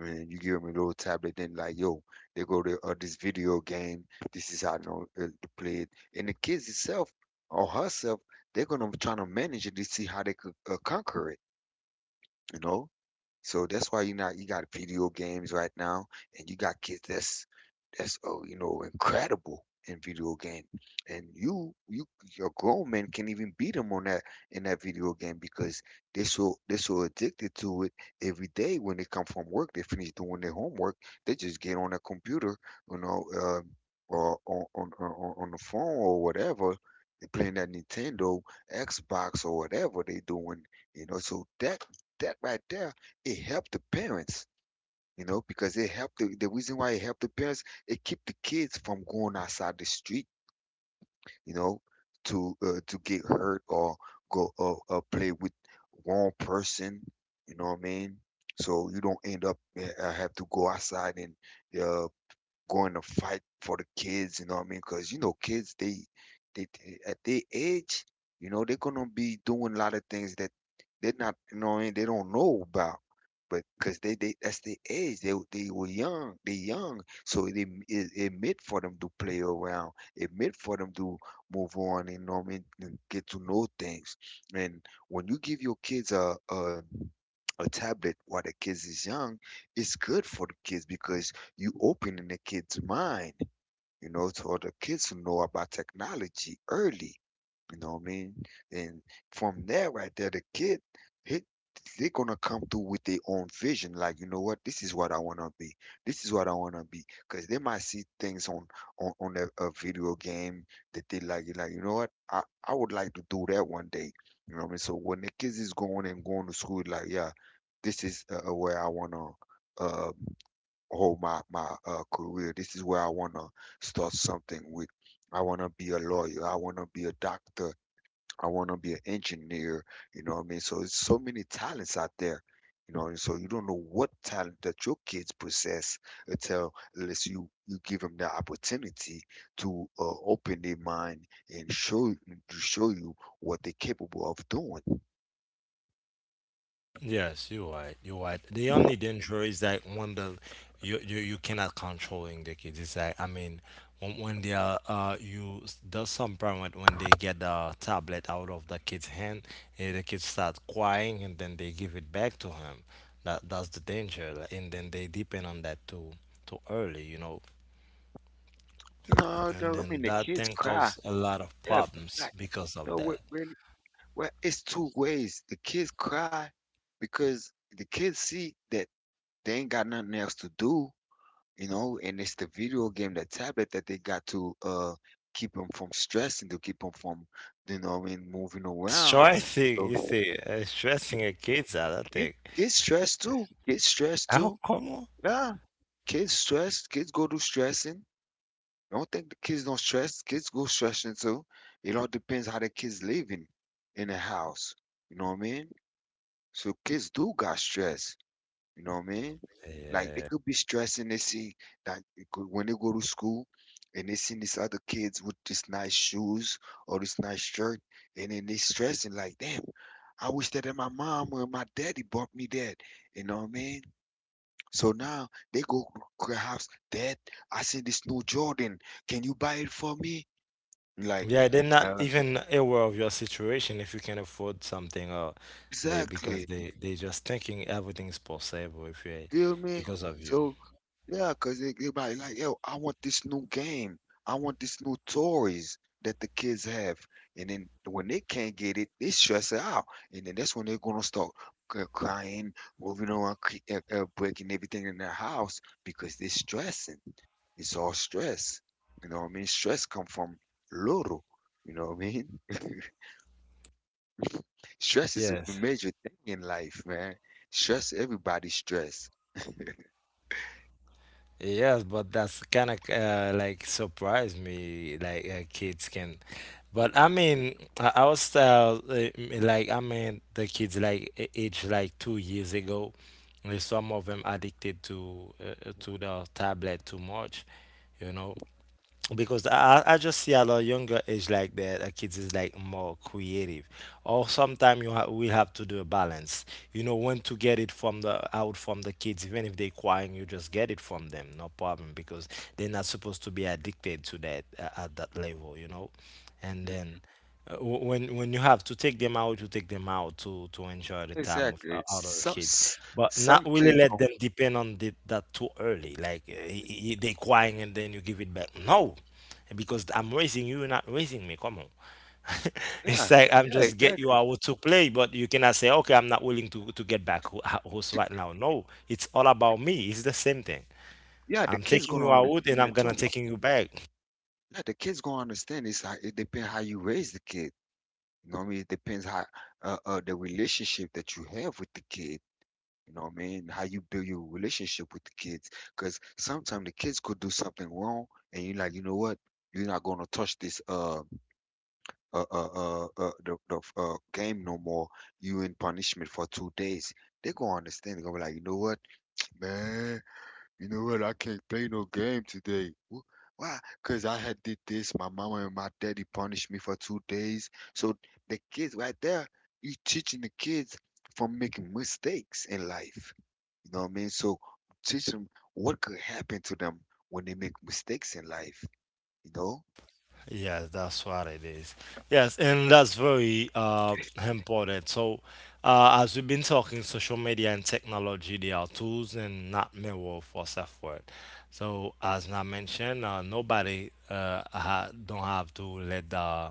[SPEAKER 2] And you give them a little tablet, then like, yo, they go to this video game. This is how I know to play it. And the kids itself or herself, they're gonna try to manage it to see how they could conquer it. You know. So that's why you not you got video games right now, and you got kids that's, oh, you know, incredible in video game, and you your grown men can even beat them on that in that video game because they so, they so addicted to it. Every day when they come from work, they finish doing their homework, they just get on a computer, you know, or on the phone or whatever, they playing that Nintendo, Xbox or whatever they doing, you know. So that, that right there, it helped the parents, you know, because it helped the reason why it helped the parents, it keep the kids from going outside the street, you know, to get hurt or go play with wrong person, you know what I mean? So you don't end up have to go outside and uh, going to fight for the kids, you know what I mean? Because, you know, kids, at their age, you know, they're going to be doing a lot of things that they're not, you know what I mean? They don't know about. But because that's their age. They were young. They young. So it meant for them to play around. It meant for them to move on, you know what I mean? And get to know things. And when you give your kids a tablet while the kids is young, it's good for the kids because you opening the kid's mind, you know, to other kids to know about technology early. You know what I mean? And from there, right there, the kid, he, they're gonna come through with their own vision. Like, you know what? This is what I wanna be. This is what I wanna be. Cause they might see things on on a video game that they like. You're like, you know what? I would like to do that one day. You know what I mean? So when the kids is going and going to school, like, yeah, this is where I wanna uh, whole my career. This is where I want to start something with. I want to be a lawyer. I want to be a doctor. I want to be an engineer. You know what I mean? So it's so many talents out there. You know, and so you don't know what talent that your kids possess until, unless you give them the opportunity to open their mind and show you- to show you what they're capable of doing.
[SPEAKER 1] Yes, you're right. You're right. The only danger is that when the you cannot controlling the kids. It's like I mean, when they are you, there's some parent when they get the tablet out of the kid's hand, the kid start crying and then they give it back to him. That that's the danger, like, and then they depend on that too too early, you know,
[SPEAKER 2] No,
[SPEAKER 1] and
[SPEAKER 2] no, I
[SPEAKER 1] then
[SPEAKER 2] mean the
[SPEAKER 1] that
[SPEAKER 2] kids
[SPEAKER 1] thing
[SPEAKER 2] cry.
[SPEAKER 1] cause a lot of
[SPEAKER 2] Yeah,
[SPEAKER 1] problems
[SPEAKER 2] like,
[SPEAKER 1] because of
[SPEAKER 2] no, what
[SPEAKER 1] that.
[SPEAKER 2] really? Well, it's two ways. The kids cry because the kids see that they ain't got nothing else to do, you know, and it's the video game, the tablet that they got to keep them from stressing, to keep them from, you know, what I mean, moving around.
[SPEAKER 1] Stressing, you
[SPEAKER 2] So
[SPEAKER 1] see, stressing a kids out. I
[SPEAKER 2] kids,
[SPEAKER 1] think.
[SPEAKER 2] kids stress too. Kids stress
[SPEAKER 1] Oh,
[SPEAKER 2] too.
[SPEAKER 1] come on.
[SPEAKER 2] Yeah, kids stress. Kids go through stressing. Don't think the kids don't stress. Kids go stressing too. It all depends how the kids living in the house. You know what I mean? So kids do got stress. You know what I mean? Like they
[SPEAKER 1] Yeah.
[SPEAKER 2] could be stressing. They see that they could, when they go to school and they see these other kids with these nice shoes or this nice shirt, and then they stressing like, damn, I wish that my mom or my daddy bought me that. You know what I mean? So now they go, perhaps, Dad, I see this new Jordan. Can you buy it for me? Like,
[SPEAKER 1] Yeah, they're not
[SPEAKER 2] Uh,
[SPEAKER 1] even aware of your situation if you can afford something or they, because
[SPEAKER 2] exactly.
[SPEAKER 1] they just thinking everything is possible if you,
[SPEAKER 2] Feel me?
[SPEAKER 1] because of you.
[SPEAKER 2] So yeah, cause it, everybody like, yo, I want this new game. I want this new toys that the kids have. And then when they can't get it, they stress it out. And then that's when they're gonna start crying, moving around, breaking everything in their house because they're stressing. It's all stress. You know what I mean? Stress come from little. You know what I mean? Stress is a
[SPEAKER 1] Yes.
[SPEAKER 2] major thing in life, man. Stress, everybody stress.
[SPEAKER 1] Yes, but that's kind of like surprised me like kids can. But I mean, our style, like I mean, the kids like age like 2 years ago, some of them addicted to the tablet too much, you know. Because I just see a lot younger age like that, kids is like more creative. Or sometimes you ha we have to do a balance. You know when to get it from the out from the kids, even if they're crying, you just get it from them, no problem, because they're not supposed to be addicted to that at that level, you know, and
[SPEAKER 2] Mm,
[SPEAKER 1] then when you have to take them out, you take them out to enjoy the time with
[SPEAKER 2] exactly.
[SPEAKER 1] other
[SPEAKER 2] Some
[SPEAKER 1] kids,
[SPEAKER 2] s-
[SPEAKER 1] but not
[SPEAKER 2] some
[SPEAKER 1] really
[SPEAKER 2] kids
[SPEAKER 1] let
[SPEAKER 2] go,
[SPEAKER 1] them depend on the, that too early. Like they crying and then you give it back. No, because I'm raising you, you're not raising me. Come on. It's
[SPEAKER 2] yeah,
[SPEAKER 1] like I'm
[SPEAKER 2] yeah,
[SPEAKER 1] just get you
[SPEAKER 2] exactly.
[SPEAKER 1] out to play, but you cannot say, okay, I'm not willing to get back host right now. No, it's all about me. It's the same thing.
[SPEAKER 2] Yeah, the
[SPEAKER 1] I'm
[SPEAKER 2] kids
[SPEAKER 1] taking
[SPEAKER 2] gonna
[SPEAKER 1] you out and
[SPEAKER 2] understand
[SPEAKER 1] I'm
[SPEAKER 2] that
[SPEAKER 1] gonna
[SPEAKER 2] too.
[SPEAKER 1] taking you back.
[SPEAKER 2] Yeah, the kids gonna understand. It's like it depends how you raise the kid. You know what I mean? It depends how the relationship that you have with the kid. You know what I mean? How you build your relationship with the kids. Because sometimes the kids could do something wrong and you're like, you know what? You're not gonna touch this uh uh the game no more. You in punishment for 2 days. They're gonna understand. They're gonna be like, you know what, man? You know what? I can't play no game today. Why? Cause I had did this. My mama and my daddy punished me for 2 days. So the kids right there, you teaching the kids from making mistakes in life. You know what I mean? So teach them what could happen to them when they make mistakes in life. You know?
[SPEAKER 1] Yeah, that's what it is. Yes, and that's very important. So, as we've been talking, social media and technology, they are tools and not mirror for self-worth. So, as I mentioned, nobody don't have to let the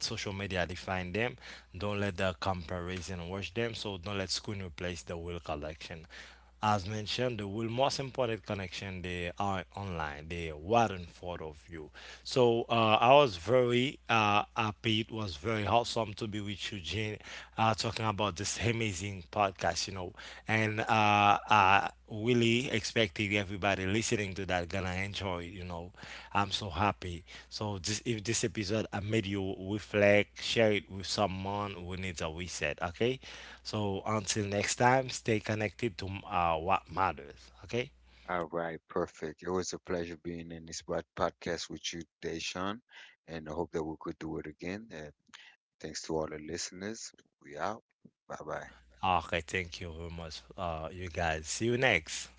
[SPEAKER 1] social media define them. Don't let the comparison wash them. So, don't let screen replace the real collection. As mentioned, the will most important connection they are online. They were in front of you. So I was very happy. It was very awesome to be with you, Jean. Talking about this amazing podcast. You know, and I really expecting everybody listening to that gonna enjoy it. You know, I'm so happy. So this, if this episode I made you reflect, share it with someone who needs a reset. Okay. So until next time, stay connected to what matters. Okay.
[SPEAKER 2] All right, perfect. It was a pleasure being in this podcast with you today, Sean. And I hope that we could do it again. And thanks to all the listeners. We out. Bye bye.
[SPEAKER 1] Okay. Thank you very much, you guys. See you next.